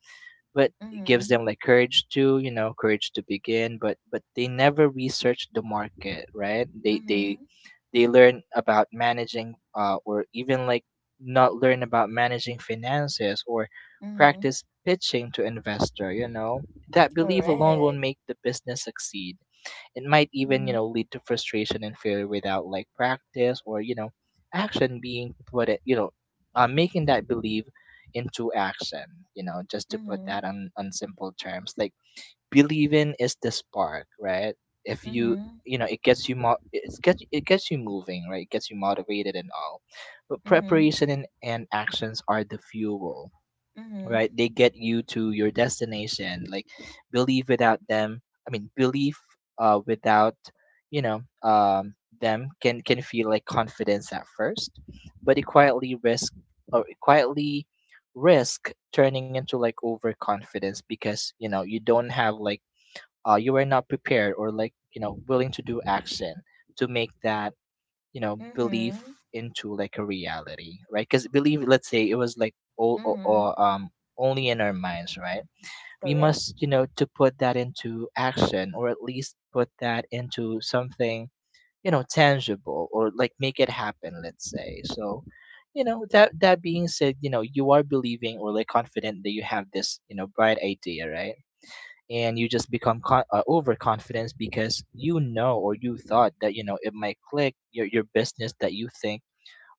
Speaker 2: But it gives
Speaker 1: Mhm.
Speaker 2: them like courage to, you know, courage to begin, but they never research the market, right? they they
Speaker 1: Mhm.
Speaker 2: they learn about managing or even like not learn about managing finances or
Speaker 1: Mhm.
Speaker 2: practice pitching to investor, you know, that belief alone will
Speaker 1: Correct.
Speaker 2: make the business succeed. It might even, you know,
Speaker 1: Mhm.
Speaker 2: lead to frustration and failure without like practice or, you know, action being put it, you know, making that belief into action, you know, just to put
Speaker 1: Mhm.
Speaker 2: that on simple terms. Like believing is the spark, right? If you,
Speaker 1: Mhm.
Speaker 2: you know, it gets you, it gets you moving, right? It gets you motivated and all, but
Speaker 1: Mhm.
Speaker 2: preparation and actions are the fuel. Right,
Speaker 1: Mhm.
Speaker 2: they get you to your destination. Like believe without them. I mean belief without, you know um them can feel like confidence at first, but it quietly risk, or it quietly risk turning into like overconfidence, because you know, you don't have like you are not prepared or like, you know, willing to do action to make that, you know, belief
Speaker 1: Mhm.
Speaker 2: into like a reality, right? Because believe, let's say it was like all or, or
Speaker 1: Mhm.
Speaker 2: um only in our minds, right? We
Speaker 1: Correct.
Speaker 2: must, you know, to put that into action, or at least put that into something, you know, tangible, or like make it happen, let's say. So you know, that being said, you know, you are believing or like confident that you have this, you know, bright idea, right? And you just become overconfident because, you know, or you thought that, you know, it might click, your business that you think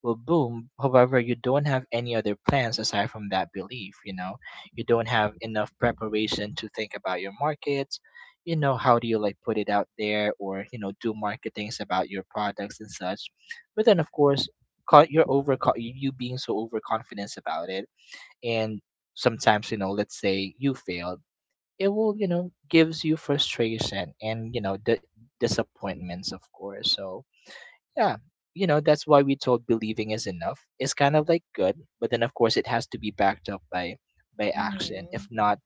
Speaker 2: will boom. However, you don't have any other plans aside from that belief, you know. You don't have enough preparation to think about your markets, you know, how do you like put it out there, or you know, do marketings about your products and such. But then of course, you're over, you being so overconfident about it, and sometimes, you know, let's say you failed, it will, you know, gives you frustration and, you know, the disappointments, of course. So yeah, you know, that's why we told believing is enough, it's kind of like good, but then of course, it has to be backed up by action.
Speaker 1: Mm-hmm.
Speaker 2: If not,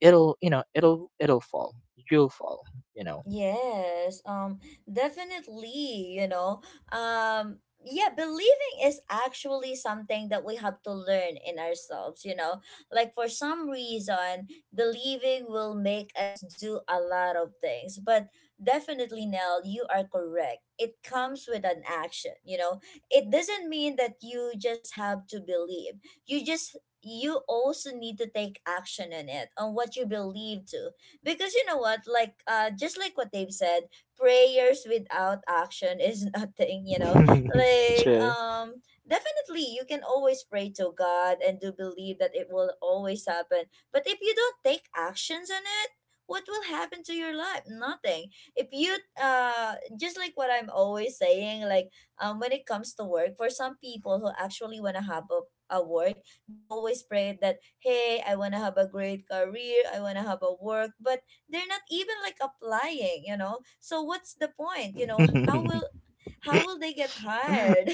Speaker 2: it'll, you know, it'll fall. You'll fall, you know.
Speaker 1: Yes. Definitely, you know. Um, yeah, believing is actually something that we have to learn in ourselves, you know. Like for some reason, believing will make us do a lot of things. But definitely, Nell, you are correct. It comes with an action, you know. It doesn't mean that you just have to believe. You also need to take action on it, on what you believe to because you know what like just like what they've said prayers without action is nothing, you know. Like
Speaker 2: Chill.
Speaker 1: definitely you can always pray to God and do believe that it will always happen, but if you don't take actions on it, what will happen to your life? Nothing. If you just like what I'm always saying, like when it comes to work, for some people who actually want to have a work, they're always prayed that, hey, I want to have a great career, I want to have a work, but they're not even like applying, you know? So what's the point? You know, how will how will they get hired?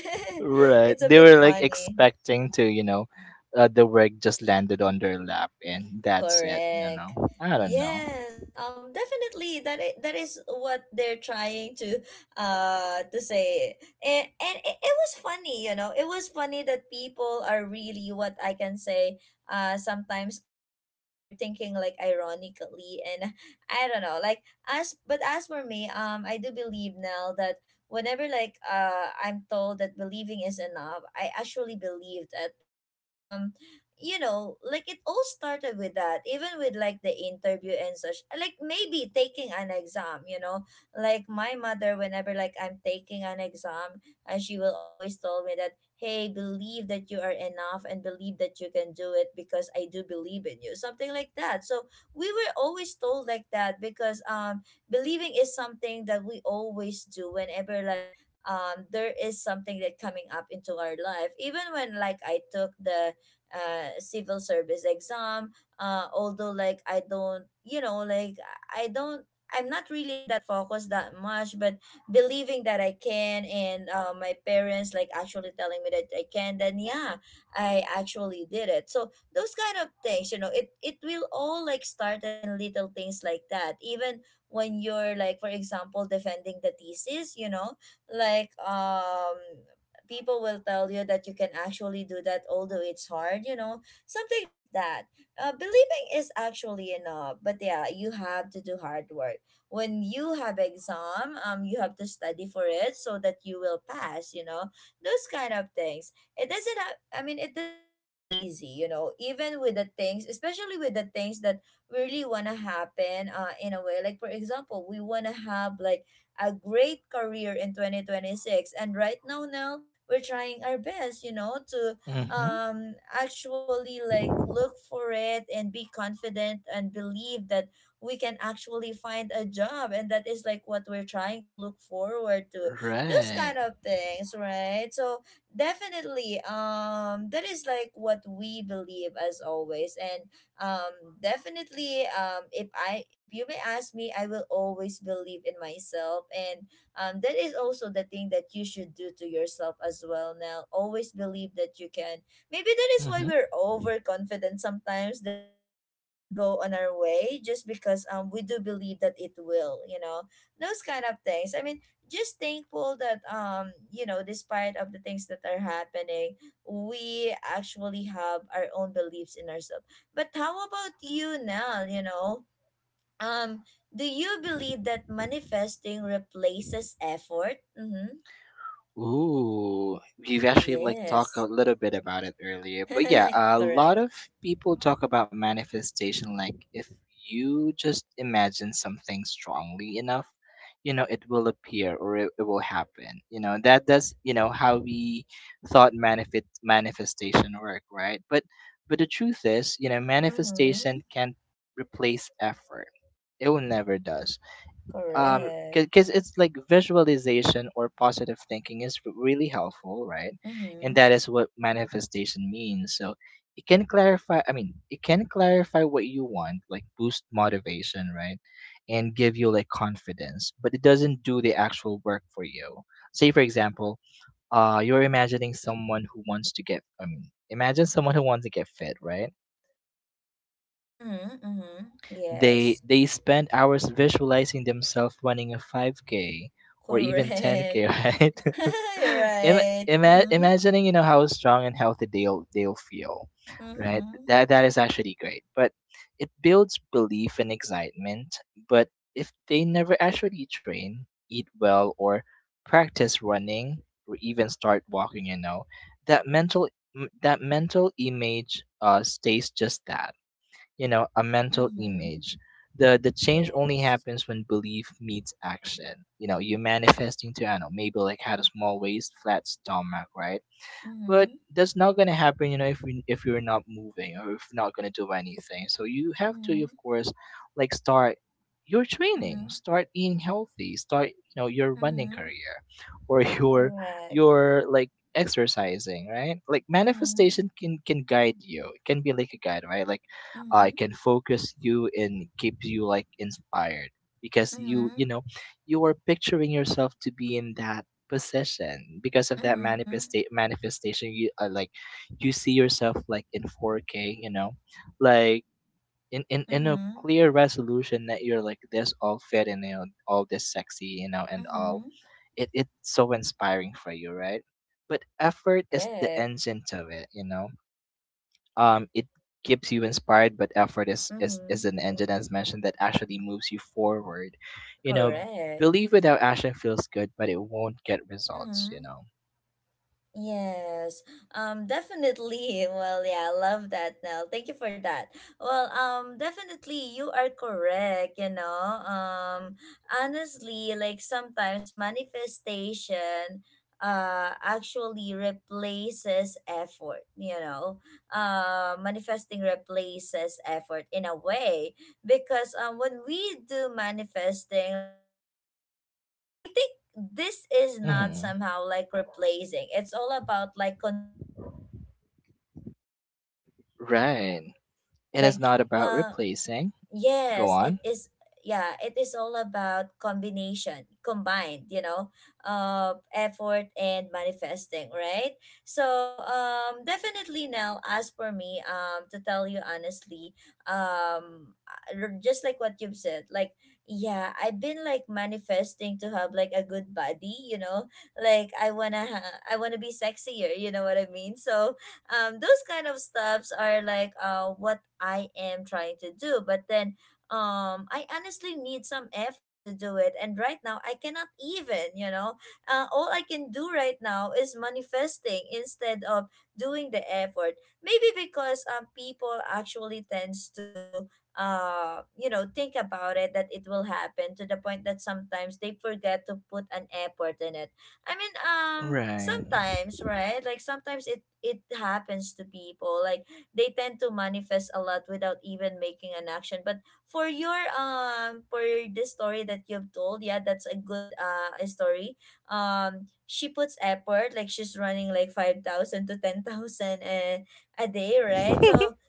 Speaker 2: Right,
Speaker 1: It's a
Speaker 2: they
Speaker 1: bit
Speaker 2: were like
Speaker 1: funny.
Speaker 2: expecting to, you know, the work just landed on their lap, and that's it, you
Speaker 1: Correct.
Speaker 2: know. I don't know.
Speaker 1: Yes, definitely. That is what they're trying to say. And it was funny, you know. It was funny that people are really what I can say. Sometimes ironic. They're thinking like ironically, and I don't know. Like as but as for me, I do believe now that whenever like I'm told that believing is enough, I actually believed it because you know, like it all started with that, even with like the interview and such. Like maybe taking an exam, you know, like my mother, whenever like I'm taking an exam, and she will always tell me that, hey, believe that you are enough and believe that you can do it because I do believe in you, something like that. So we were always told like that because believing is something that we always do whenever like there is something that coming up into our life. Even when like I took the civil service exam, although like I don't, you know, like i don't I'm not really that focused that much, but believing that I can, and my parents like actually telling me that I can, then yeah, I actually did it. So those kind of things, you know, it will all like started in little things like that, even when you're like, for example, defending the thesis, you know, like people will tell you that you can actually do that although it's hard, you know, something like that. Believing is actually enough, but yeah, you have to do hard work. When you have exam, you have to study for it so that you will pass, you know, those kind of things. It doesn't have, I mean, it doesn't come easy, you know, even with the things, especially with the things that really want to happen, in a way. Like for example, we want to have like a great career in 2026, and right now we're trying our best, you know, to
Speaker 2: Hmm.
Speaker 1: actually like look for it and be confident and believe that we can actually find a job, and that is like what we're trying to look forward to, those kind
Speaker 2: Right.
Speaker 1: of things, right? So definitely, that is like what we believe as always. And definitely, if I if you may ask me, I will always believe in myself. And that is also the thing that you should do to yourself as well. Now always believe that you can. Maybe that is why
Speaker 2: Hmm.
Speaker 1: we're overconfident sometimes, that things will go on our way just because we do believe that it will, you know, those kind of things. I mean, just thankful that you know, despite of the things that are happening, we actually have our own beliefs in ourselves. But how about you now, you know? um, do you believe that manifesting replaces effort? Mm-hmm.
Speaker 2: Ooh, we have actually like talked a
Speaker 1: Yes.
Speaker 2: little bit about it earlier, but yeah, a lot
Speaker 1: Correct.
Speaker 2: of people talk about manifestation like if you just imagine something strongly enough, you know, it will appear, or it will happen. You know, that that's, you know, how we thought manifestation work, right? But the truth is, you know,
Speaker 1: Mm-hmm.
Speaker 2: manifestation can't replace effort. It will never does.
Speaker 1: Correct.
Speaker 2: Because it's like visualization or positive thinking is really helpful, right? And
Speaker 1: Mm-hmm.
Speaker 2: that is what manifestation means. So it can clarify, I mean it can clarify what you want, like boost motivation, right, and give you like confidence, but it doesn't do the actual work for you. Say for example, you're imagining someone who wants to get, I mean imagine someone who wants to get fit, right?
Speaker 1: Mm-hmm. Mm-hmm.
Speaker 2: They
Speaker 1: Yes.
Speaker 2: they spend hours visualizing themselves running a 5K or even 10K,
Speaker 1: Correct.
Speaker 2: right?
Speaker 1: You're
Speaker 2: Im-
Speaker 1: right. Mm-hmm.
Speaker 2: Imagining, you know, how strong and healthy they'll feel, right?
Speaker 1: Mm-hmm.
Speaker 2: That that is actually great, but it builds belief and excitement. But if they never actually train, eat well, or practice running, or even start walking, you know, that mental that mental image stays just that, you know, a mental
Speaker 1: Mm-hmm.
Speaker 2: image. The change only
Speaker 1: Yes.
Speaker 2: happens when belief meets action. You know, you manifesting to, I don't know, maybe like had a small waist, flat stomach, right? But
Speaker 1: Mm-hmm.
Speaker 2: that's not gonna happen, you know, if you're not moving, or if not gonna do anything. So you have to,
Speaker 1: Mm-hmm.
Speaker 2: of course, like start your training,
Speaker 1: Mm-hmm.
Speaker 2: start eating healthy, start, you know, your running
Speaker 1: Mm-hmm.
Speaker 2: career, or your
Speaker 1: Correct.
Speaker 2: your like exercising, right? Like
Speaker 1: Mm-hmm.
Speaker 2: manifestation can guide you, it can be like a guide, right? Like it
Speaker 1: Mm-hmm.
Speaker 2: can focus you and keep you like inspired, because you
Speaker 1: Mm-hmm.
Speaker 2: know, you are picturing yourself to be in that position. Because of that
Speaker 1: Mm-hmm.
Speaker 2: manifestation, you like you see yourself like in 4K, you know, like in, in a
Speaker 1: Mm-hmm.
Speaker 2: clear resolution that you're like this all fit, and you know, all this sexy, you know, and all,
Speaker 1: Mm-hmm.
Speaker 2: it it's so inspiring for you, right? But effort is the
Speaker 1: Correct.
Speaker 2: engine to it, you know. It keeps you inspired, but effort is, is,
Speaker 1: Mm-hmm.
Speaker 2: is an engine, as mentioned, that actually moves you forward, you know.
Speaker 1: Correct.
Speaker 2: Believe without action feels good, but it won't get results, you
Speaker 1: Mm-hmm.
Speaker 2: know.
Speaker 1: Yes. Um, definitely. Well, yeah, I love that, Nell. Thank you for that. Well, definitely you are correct, you know. Honestly, like sometimes manifestation actually replaces effort, you know. Manifesting replaces effort in a way because when we do manifesting, like I think this is not
Speaker 2: Mhm.
Speaker 1: somehow like replacing, it's all about like combining manifestation with effort
Speaker 2: Right.
Speaker 1: itself, right?
Speaker 2: It is
Speaker 1: Like
Speaker 2: not about
Speaker 1: uh,
Speaker 2: replacing. Go
Speaker 1: yes, it
Speaker 2: on.
Speaker 1: is. Yeah, it is all about combination, combined, you know, effort and manifesting, right? So, definitely now, as for me, to tell you honestly, just like what you've said, like, yeah, I've been like manifesting to have like a good body, you know, like I wanna be sexier, you know what I mean? So, those kind of stuffs are like what I am trying to do. But then I honestly need some effort to do it. And right now, I cannot even, you know, all I can do right now is manifesting instead of doing the effort. Maybe because people actually tends to you know think about it that it will happen, to the point that sometimes they forget to put an effort in it. I mean,
Speaker 2: Right.
Speaker 1: sometimes, right? Like sometimes it happens to people. Like they tend to manifest a lot without even making an action. But for your for this story that you've told, yeah, that's a good story. She puts effort. Like she's running like 5,000 to 10,000 a day, right? So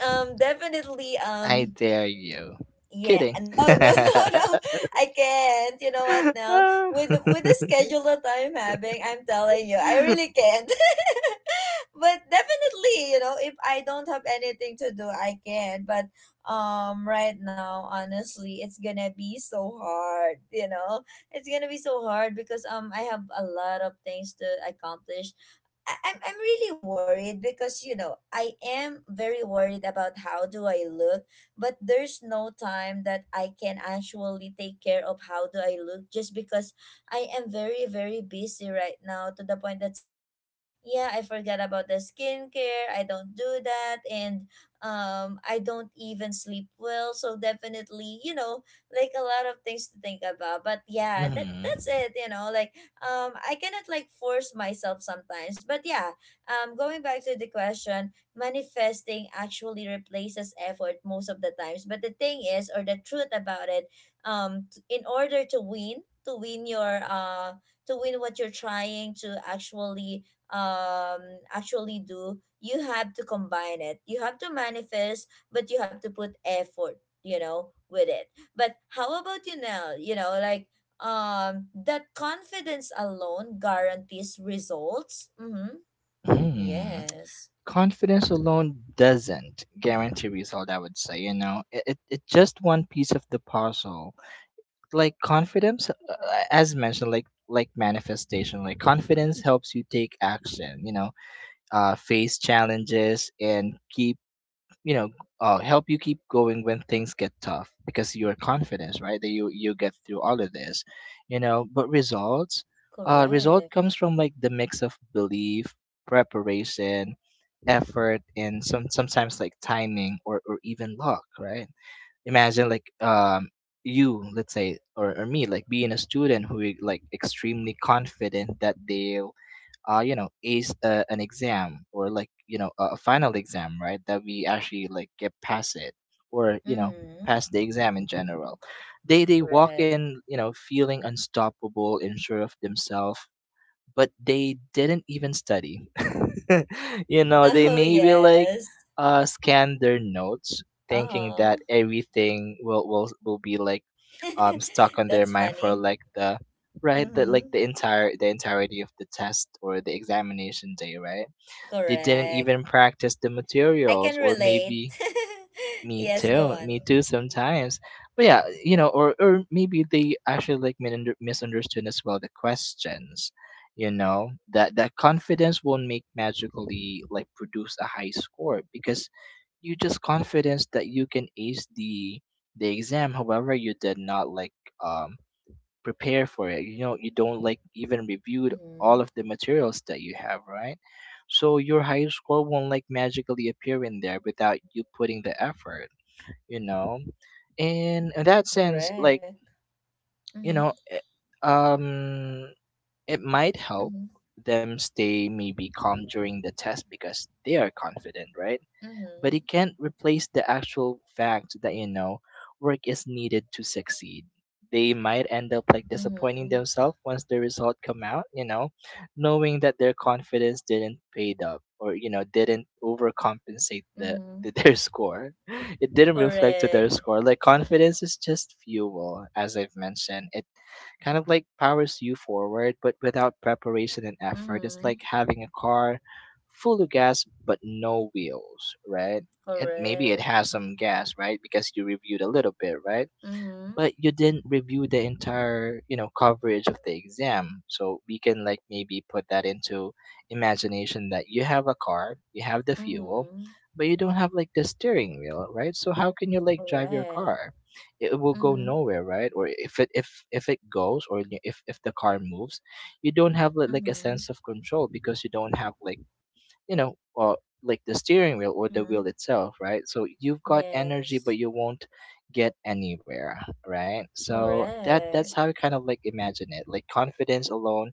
Speaker 1: definitely,
Speaker 2: I dare you.
Speaker 1: yeah,
Speaker 2: Kidding.
Speaker 1: no, no, no, no. I can't. You know what, Nell? With the schedule that I'm having, I'm telling you, I really can't. But definitely, you know, if I don't have anything to do, I can. But right now, honestly, it's gonna be so hard. You know, it's gonna be so hard because I have a lot of things to accomplish. I'm really worried because you know I am very worried about how do I look, but there's no time that I can actually take care of how do I look just because I am very very busy right now, to the point that sometimes yeah I forget about the skincare, I don't do that. And I don't even sleep well. So definitely, you know, like a lot of things to think about, but yeah, that
Speaker 2: Mhm.
Speaker 1: that's it, you know. Like I cannot like force myself sometimes. But yeah, going back to the question, manifesting actually replaces effort most of the times. But the thing is, or the truth about it, in order to win, your to win what you're trying to actually actually do, you have to combine it. You have to manifest, but you have to put effort, you know, with it. But how about you now? You know, like that confidence alone guarantees results? Mm-hmm.
Speaker 2: Mhm.
Speaker 1: Yes.
Speaker 2: Confidence alone doesn't guarantee result. I would say, you know, It's just one piece of the puzzle. Like confidence, as mentioned, like manifestation. Like confidence helps you take action. You know, face challenges and keep, you know, help you keep going when things get tough, because you're confident, right, that you get through all of this, you know. But results, result
Speaker 1: Correct.
Speaker 2: comes from like the mix of belief, preparation, effort, and sometimes like timing or even luck, right? Imagine like, you, let's say, or me, like being a student who is like extremely confident that they you know, ace an exam, or like, you know, a final exam, right? That we actually like get past it or, you know,
Speaker 1: Mm-hmm.
Speaker 2: pass the exam in general. They walk
Speaker 1: Correct.
Speaker 2: in, you know, feeling unstoppable and sure of themselves, but they didn't even study. You know, they
Speaker 1: Oh
Speaker 2: maybe like
Speaker 1: yes.
Speaker 2: scan their notes thinking that
Speaker 1: Uh-huh.
Speaker 2: everything will will be like stuck on their
Speaker 1: That's
Speaker 2: mind for
Speaker 1: funny.
Speaker 2: like the, right, the like
Speaker 1: Mm-hmm.
Speaker 2: the entire, the entirety of the test, or the examination day, right? They didn't
Speaker 1: Correct.
Speaker 2: even practice the
Speaker 1: I can
Speaker 2: materials, or
Speaker 1: relate.
Speaker 2: maybe me
Speaker 1: Yes, go
Speaker 2: too
Speaker 1: on.
Speaker 2: me too sometimes. But yeah, you know, or maybe they actually like misunderstood as well the questions, you know. That that confidence won't make magically like produce a high score, because you just confidence that you can ace the exam, however you did not like um prepare for it. You know, you don't like even reviewed all
Speaker 1: Mm-hmm.
Speaker 2: of the materials that you have, right? So your high score won't like magically appear in there without you putting the effort, you know? And in that sense, like,
Speaker 1: Correct.
Speaker 2: you
Speaker 1: Mm-hmm.
Speaker 2: know, um it might help
Speaker 1: Mm-hmm.
Speaker 2: them stay maybe calm during the test because they are confident, right? But
Speaker 1: Mm-hmm.
Speaker 2: it can't replace the actual fact that, you know, work is needed to succeed. They might end up like disappointing
Speaker 1: Mm-hmm.
Speaker 2: themselves once the result come out, you know, knowing that their confidence didn't paid up, or you know, didn't overcompensate the
Speaker 1: Mm-hmm.
Speaker 2: their score. It didn't reflect to their
Speaker 1: Correct.
Speaker 2: score. Like confidence is just fuel, as I've mentioned, it kind of like powers you forward, but without preparation and effort, it's
Speaker 1: Mm-hmm.
Speaker 2: like having a car full of gas but no wheels, right? And maybe it
Speaker 1: Correct.
Speaker 2: has some gas, right? Because you reviewed a little bit, right?
Speaker 1: Mm-hmm.
Speaker 2: But you didn't review the entire, you know, coverage of the exam. So we can like maybe put that into imagination that you have a car, you have the fuel,
Speaker 1: Mm-hmm.
Speaker 2: but you don't have like the steering wheel, right? So how can you like drive your
Speaker 1: Correct.
Speaker 2: car? It will go
Speaker 1: Mm-hmm.
Speaker 2: nowhere, right? Or if it, if it goes, or if, the car moves, you don't have, like a
Speaker 1: Mm-hmm.
Speaker 2: sense of control, because you don't have like, you know, like the steering wheel or the wheel
Speaker 1: Mm-hmm.
Speaker 2: itself, right? So you've got energy but
Speaker 1: Yes.
Speaker 2: you won't get anywhere. Right, so that that's
Speaker 1: Correct.
Speaker 2: how you kind of like imagine it. Like confidence alone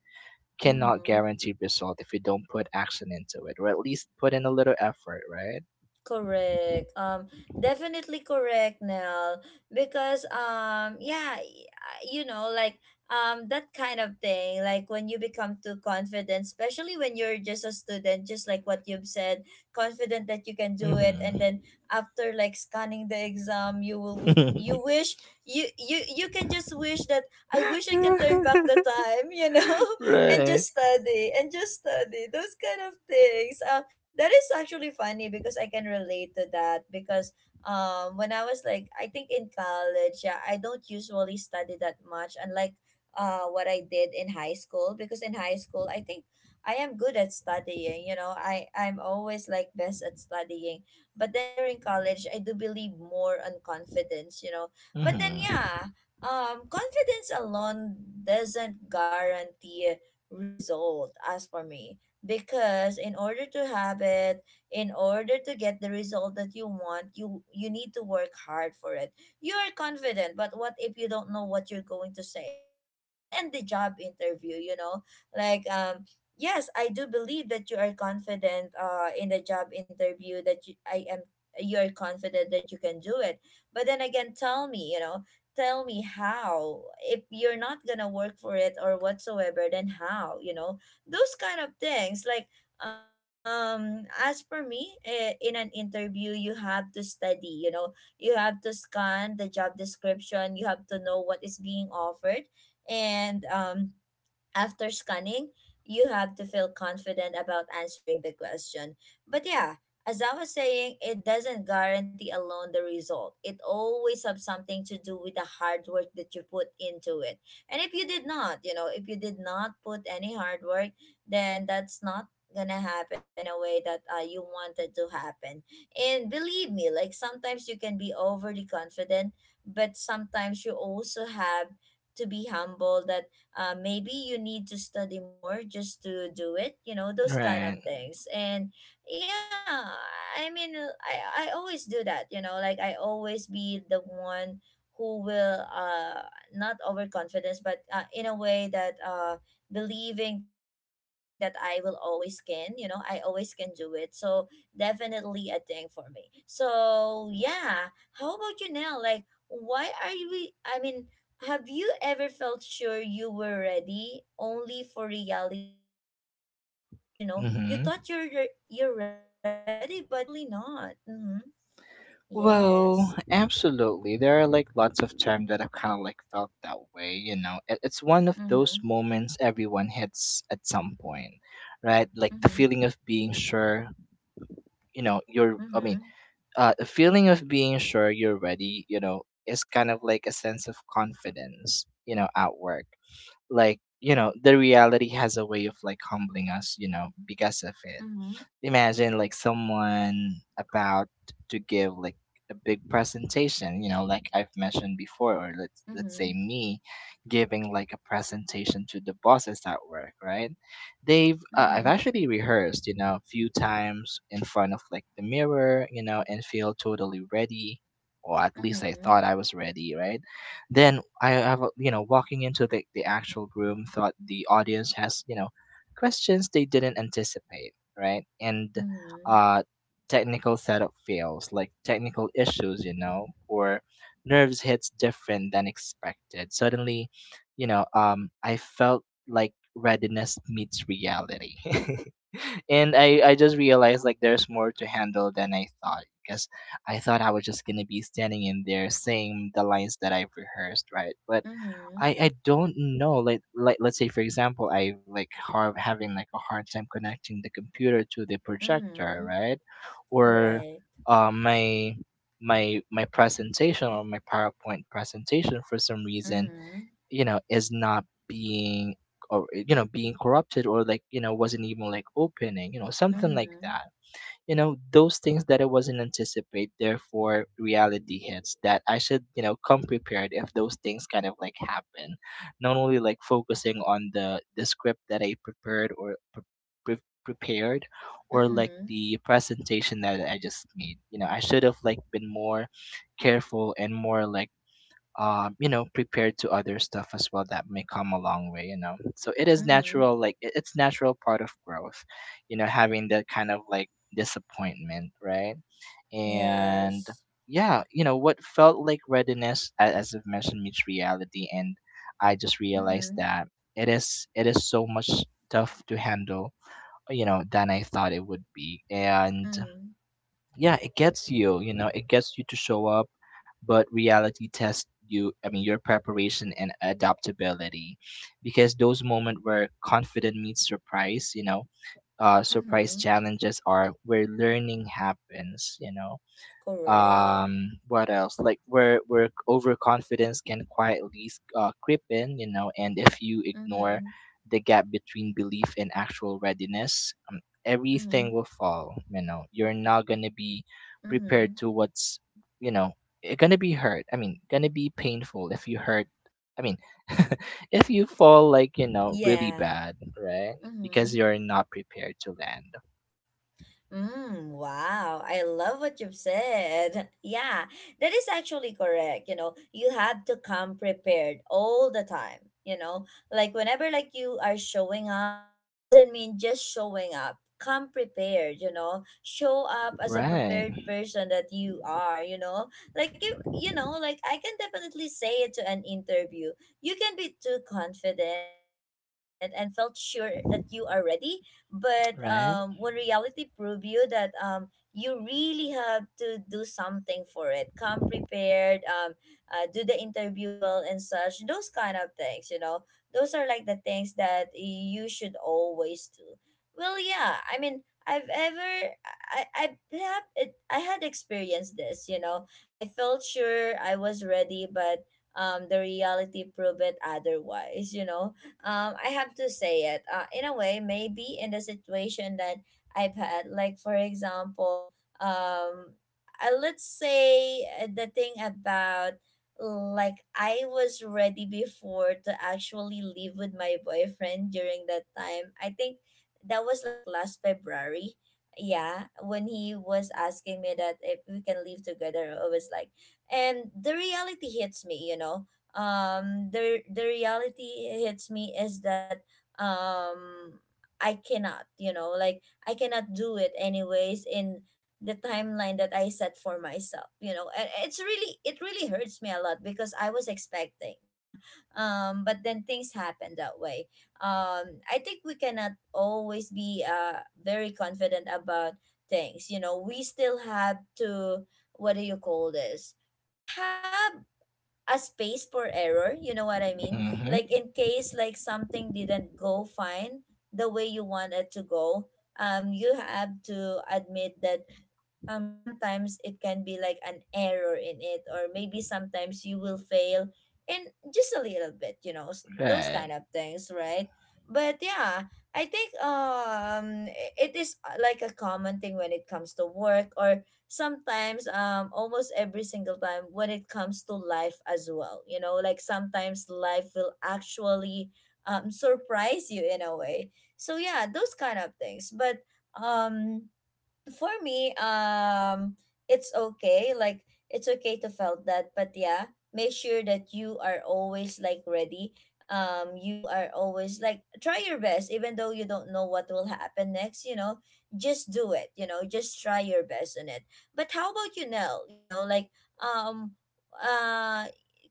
Speaker 2: cannot
Speaker 1: Mm-hmm.
Speaker 2: guarantee result if you don't put action into it, or at least put in a little effort, right?
Speaker 1: Correct. Definitely correct, Nell. Because yeah, you know, like that kind of thing. Like when you become too confident, especially when you're just a student, just like what you've said, confident that you can do it, and
Speaker 2: Hmm.
Speaker 1: then after like scanning the exam, you wish you can just wish that I wish I can turn back the time, you know,
Speaker 2: Right.
Speaker 1: and just study those kind of things. That is actually funny because I can relate to that because when I was like I think in college, yeah, I don't usually study that much, unlike what I did in high school, because in high school I think I am good at studying, you know. I'm always like best at studying. But then during college, I do believe more on confidence, you know. But then
Speaker 2: Hmm.
Speaker 1: yeah, confidence alone doesn't guarantee result as for me because in order to have it, in order to get the result that you want, you need to work hard for it. You are confident, but what if you don't know what you're going to say, you know, even in the job interview, you know, like yes, I do believe that you are confident in the job interview that you, I am, you are confident that you can do it. But then again, tell me, you know, tell me how, if you're not gonna work for it or whatsoever, then how, you know, those kind of things, like as for me eh, in an interview you have to study, you know, you have to scan the job description, you have to know what is being offered. And after scanning, you have to feel confident about answering the question. But yeah, as I was saying, it doesn't guarantee alone the result. It always has something to do with the hard work that you put into it. And if you did not, if you did not put any hard work, then that's not gonna happen in a way that you wanted to happen. And believe me, like sometimes you can be overly confident, but sometimes you also have to be humble that maybe you need to study more just to do it, you know, those kind of
Speaker 2: Right.
Speaker 1: things. And yeah, I mean, I always do that, you know, like I always be the one who will not overconfidence, but in a way that believing that I will always can, you know, I always can do it, so definitely a thing for me. So yeah, how about you now, like why are you, I mean, have you ever felt sure you were ready only for reality to prove otherwise? You know, you
Speaker 2: Hmm.
Speaker 1: thought you're ready, but you're actually not. Mm-hmm.
Speaker 2: Well,
Speaker 1: Yes.
Speaker 2: absolutely. There are like lots of times that I've kind of like felt that way, you know. It's one of those
Speaker 1: Mm-hmm.
Speaker 2: moments everyone hits at some point, right? Like the
Speaker 1: Mm-hmm.
Speaker 2: feeling of being sure, you know, you're, I mean
Speaker 1: Mm-hmm.
Speaker 2: the feeling of being sure you're ready, you know, is kind of like a sense of
Speaker 1: Correct. Mm-hmm.
Speaker 2: confidence, you know, at work. Like,
Speaker 1: Yes.
Speaker 2: you know, the reality has a
Speaker 1: Mm-hmm.
Speaker 2: way of like humbling us, you know, because of it.
Speaker 1: Mm-hmm.
Speaker 2: Imagine like someone about to give like a big presentation, you know, like I've mentioned before, or let's say me giving like a presentation to the bosses at work, right? They've
Speaker 1: Mm-hmm.
Speaker 2: I've actually rehearsed, you know, a few times in front of like the mirror, you know, and feel totally ready, or at least I thought
Speaker 1: Mm-hmm.
Speaker 2: I was ready, right? Then I have you know, walking into the actual room, thought the audience has, you know, questions they didn't anticipate, right? And
Speaker 1: Mm-hmm.
Speaker 2: uh, technical setup fails, like technical issues, you know, or nerves hits different than expected. Suddenly, I felt like readiness meets reality. And I just realized like there's more to handle than I thought, because I thought I was just gonna be standing in there saying the lines that I've rehearsed, right? But
Speaker 1: Mm-hmm.
Speaker 2: I
Speaker 1: Mm-hmm.
Speaker 2: I don't know, like let's say, for example, I like have having like a hard time connecting the computer to the projector,
Speaker 1: Mm-hmm.
Speaker 2: right? Or
Speaker 1: Right.
Speaker 2: my my presentation or my PowerPoint presentation for some reason,
Speaker 1: Mm-hmm.
Speaker 2: you know, is not being, or you know, being corrupted, or like, you know, wasn't even like opening, you know, something like
Speaker 1: Mm-hmm.
Speaker 2: that. You know, those things that I wasn't anticipate, therefore reality hits that I should, you know, come prepared if those things kind of like happen. Not only like focusing on the script that I prepared or prepared, or like
Speaker 1: Mm-hmm.
Speaker 2: the presentation that I just made, you know, I should have like been more careful and more like, you know, prepared to other stuff as well that may come a long way, you know. So it is
Speaker 1: Mm-hmm.
Speaker 2: natural, like it's natural part of growth, you know, having that kind of like disappointment, right? And
Speaker 1: Yes.
Speaker 2: yeah, you know, what felt like readiness, as I've mentioned, meets reality, and I just realized
Speaker 1: Mm-hmm.
Speaker 2: that it is so much tough to handle, you know, than I thought it would be. And
Speaker 1: Mm-hmm.
Speaker 2: yeah, it gets you know, it gets you to show up, but reality tests you, I mean your preparation and adaptability, because those moments where confident meets surprise, you know, surprise
Speaker 1: Mhm.
Speaker 2: challenges are where learning happens, you know.
Speaker 1: Correct.
Speaker 2: Um, what else, like where overconfidence can quietly creep in, you know. And if you ignore
Speaker 1: Mhm.
Speaker 2: the gap between belief and actual readiness, everything
Speaker 1: Mhm.
Speaker 2: will fall, you know. You're not going to be prepared
Speaker 1: Mhm.
Speaker 2: to what's, you know, it's going to be hurt, I mean going to be painful if you hurt, I mean, if you fall like, you know, really
Speaker 1: Yeah.
Speaker 2: bad, right? Because
Speaker 1: Mhm.
Speaker 2: you're not prepared to land.
Speaker 1: Mm, wow, I love what you've said. Yeah, that is actually correct. You know, you have to come prepared all the time. You know, like whenever like you are showing up, it doesn't mean just showing up. Come prepared, you know. Show up as a prepared
Speaker 2: Right.
Speaker 1: person that you are, you know. Like if you know, like I can definitely say it to an interview. You can be too confident and felt sure that you are ready, but when
Speaker 2: Right.
Speaker 1: reality prove you that you really have to do something for it, come prepared, do the interview well and such, those kind of things, you know. Those are like the things that you should always do. Well yeah, I mean, I have it, I had experienced this, you know, I felt sure I was ready, but the reality proved it otherwise, you know. I have to say it. In a way, maybe in the situation that I've had, like for example, um, let's say the thing about, like I was ready before to actually live with my boyfriend during that time. I think that was like last February. Yeah, when he was asking me that if we can live together, I was like, and the reality hits me, you know, the reality hits me is that um I cannot, you know, like I cannot do it anyways in the timeline that I set for myself, you know. And it really hurts me a lot because I was expecting, yeah. Um, but then things happen that way. Um, I think we cannot always be very confident about things, you know. We still have to, what do you call this, to have a space for error, you know what I mean,
Speaker 2: Mm-hmm.
Speaker 1: like in case like something didn't go fine the way you wanted to go. Um, you have to admit that sometimes it can be like an error in it, or maybe sometimes you will fail in just a little bit, you know, those kind
Speaker 2: Right.
Speaker 1: of things, right? But yeah, I think it is like a common thing when it comes to work, or sometimes almost every single time when it comes to life as well, you know, like sometimes life will actually surprise you in a way. So yeah, those kind of things. But um for me, it's okay. Like it's okay to felt that, but yeah, make sure that you are always like ready. You are always like try your best, even though you don't know what will happen next. You know, just do it. You know, just try your best on it. But how about you, Nell? You know, like um, uh.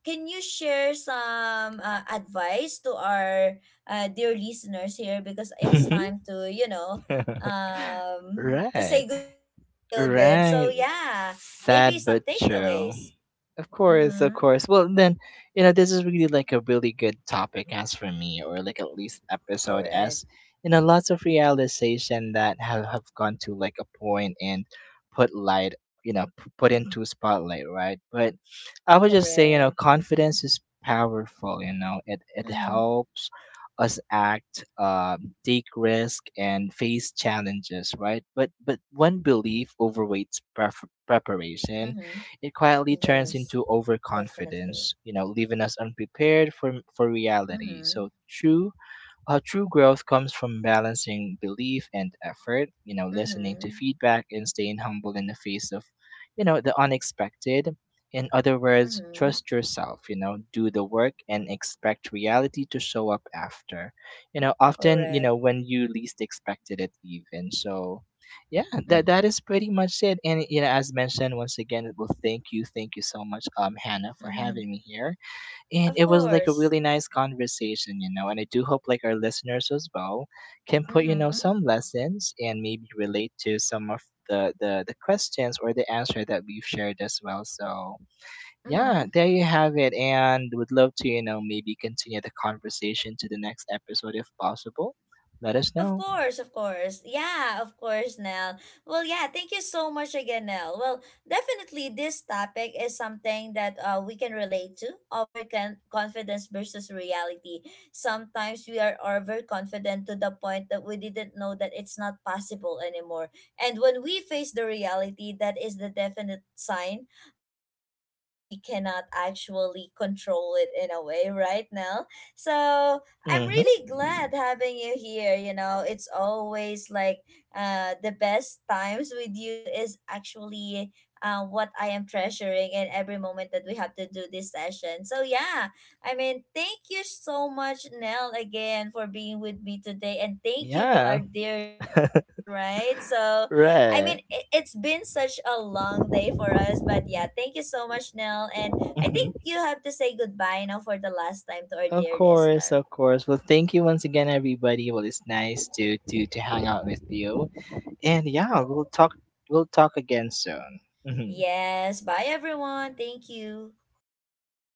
Speaker 1: Can you share some advice to our dear listeners here, because it's time to, you know, to say
Speaker 2: Right.
Speaker 1: goodbye in a little bit. So
Speaker 2: Right.
Speaker 1: yeah, maybe
Speaker 2: Sad
Speaker 1: some
Speaker 2: but true.
Speaker 1: takeaways.
Speaker 2: Of course, of
Speaker 1: Mm-hmm.
Speaker 2: course. Well, then, you know, this is really like a really good topic as for me, or like at least episode,
Speaker 1: Correct.
Speaker 2: as you know, lots of realization that have gone to like a point and put light, you know, put into spotlight, right? But I would just say, you know,
Speaker 1: Correct.
Speaker 2: confidence is powerful, you know, it
Speaker 1: Mm-hmm.
Speaker 2: helps us act, take risk and face challenges, right?
Speaker 1: Mm-hmm.
Speaker 2: But when belief overweights
Speaker 1: Yes,
Speaker 2: preparation,
Speaker 1: definitely.
Speaker 2: it quietly turns into overconfidence, you know, leaving us unprepared for
Speaker 1: Mm-hmm.
Speaker 2: reality. So true. Uh, true growth comes from balancing belief and effort, you know, listening to
Speaker 1: Mm-hmm.
Speaker 2: feedback and staying humble in the face of, you know, the unexpected. In other words,
Speaker 1: Mm-hmm.
Speaker 2: trust yourself, you know, do the work and expect reality to show up after. You know, often, you
Speaker 1: Correct.
Speaker 2: know, when you least expected it even. So yeah, that
Speaker 1: Mm-hmm.
Speaker 2: is pretty much it. And you know, as mentioned once again, well thank you so much, Hannah, for having me here, and
Speaker 1: Of
Speaker 2: it was like a
Speaker 1: course.
Speaker 2: really nice conversation, you know. And I do hope like our listeners as well can put, you know,
Speaker 1: Mm-hmm.
Speaker 2: some lessons and maybe relate to some of the questions or the answer that we've shared as well. So yeah,
Speaker 1: Mm-hmm.
Speaker 2: there you have it, and would love to, you know, maybe continue the conversation to the next episode if possible. Let us
Speaker 1: Of
Speaker 2: know.
Speaker 1: course, of course. Yeah, of course, Nell. Well, yeah, thank you so much again, Nell. Well, definitely this topic is something that we can relate to, confidence versus reality. Sometimes we are overconfident to the point that we didn't know that it's not possible anymore. And when we face the reality, that is the definite sign that we cannot actually control it in a way, right, Nell? So, I'm really
Speaker 2: Mm-hmm.
Speaker 1: glad having you here. You know, it's always like the best times with you is actually what I am treasuring in every moment that we have to do this session. So, yeah, I mean, thank you so much, Nell, again for being with me today. And thank you to our
Speaker 2: Yeah.
Speaker 1: dear listeners, right? So, I
Speaker 2: Right.
Speaker 1: mean, it's been such a long day for us, but yeah, thank you so much, Nell. And I think
Speaker 2: Hmm.
Speaker 1: you have to say goodbye now for the last time to our
Speaker 2: Of
Speaker 1: dear
Speaker 2: course,
Speaker 1: listener.
Speaker 2: of course. Well, thank you once again, everybody. Well, it's nice to hang out with you. And yeah, we'll talk again soon. Mhm.
Speaker 1: Yes, bye everyone. Thank you.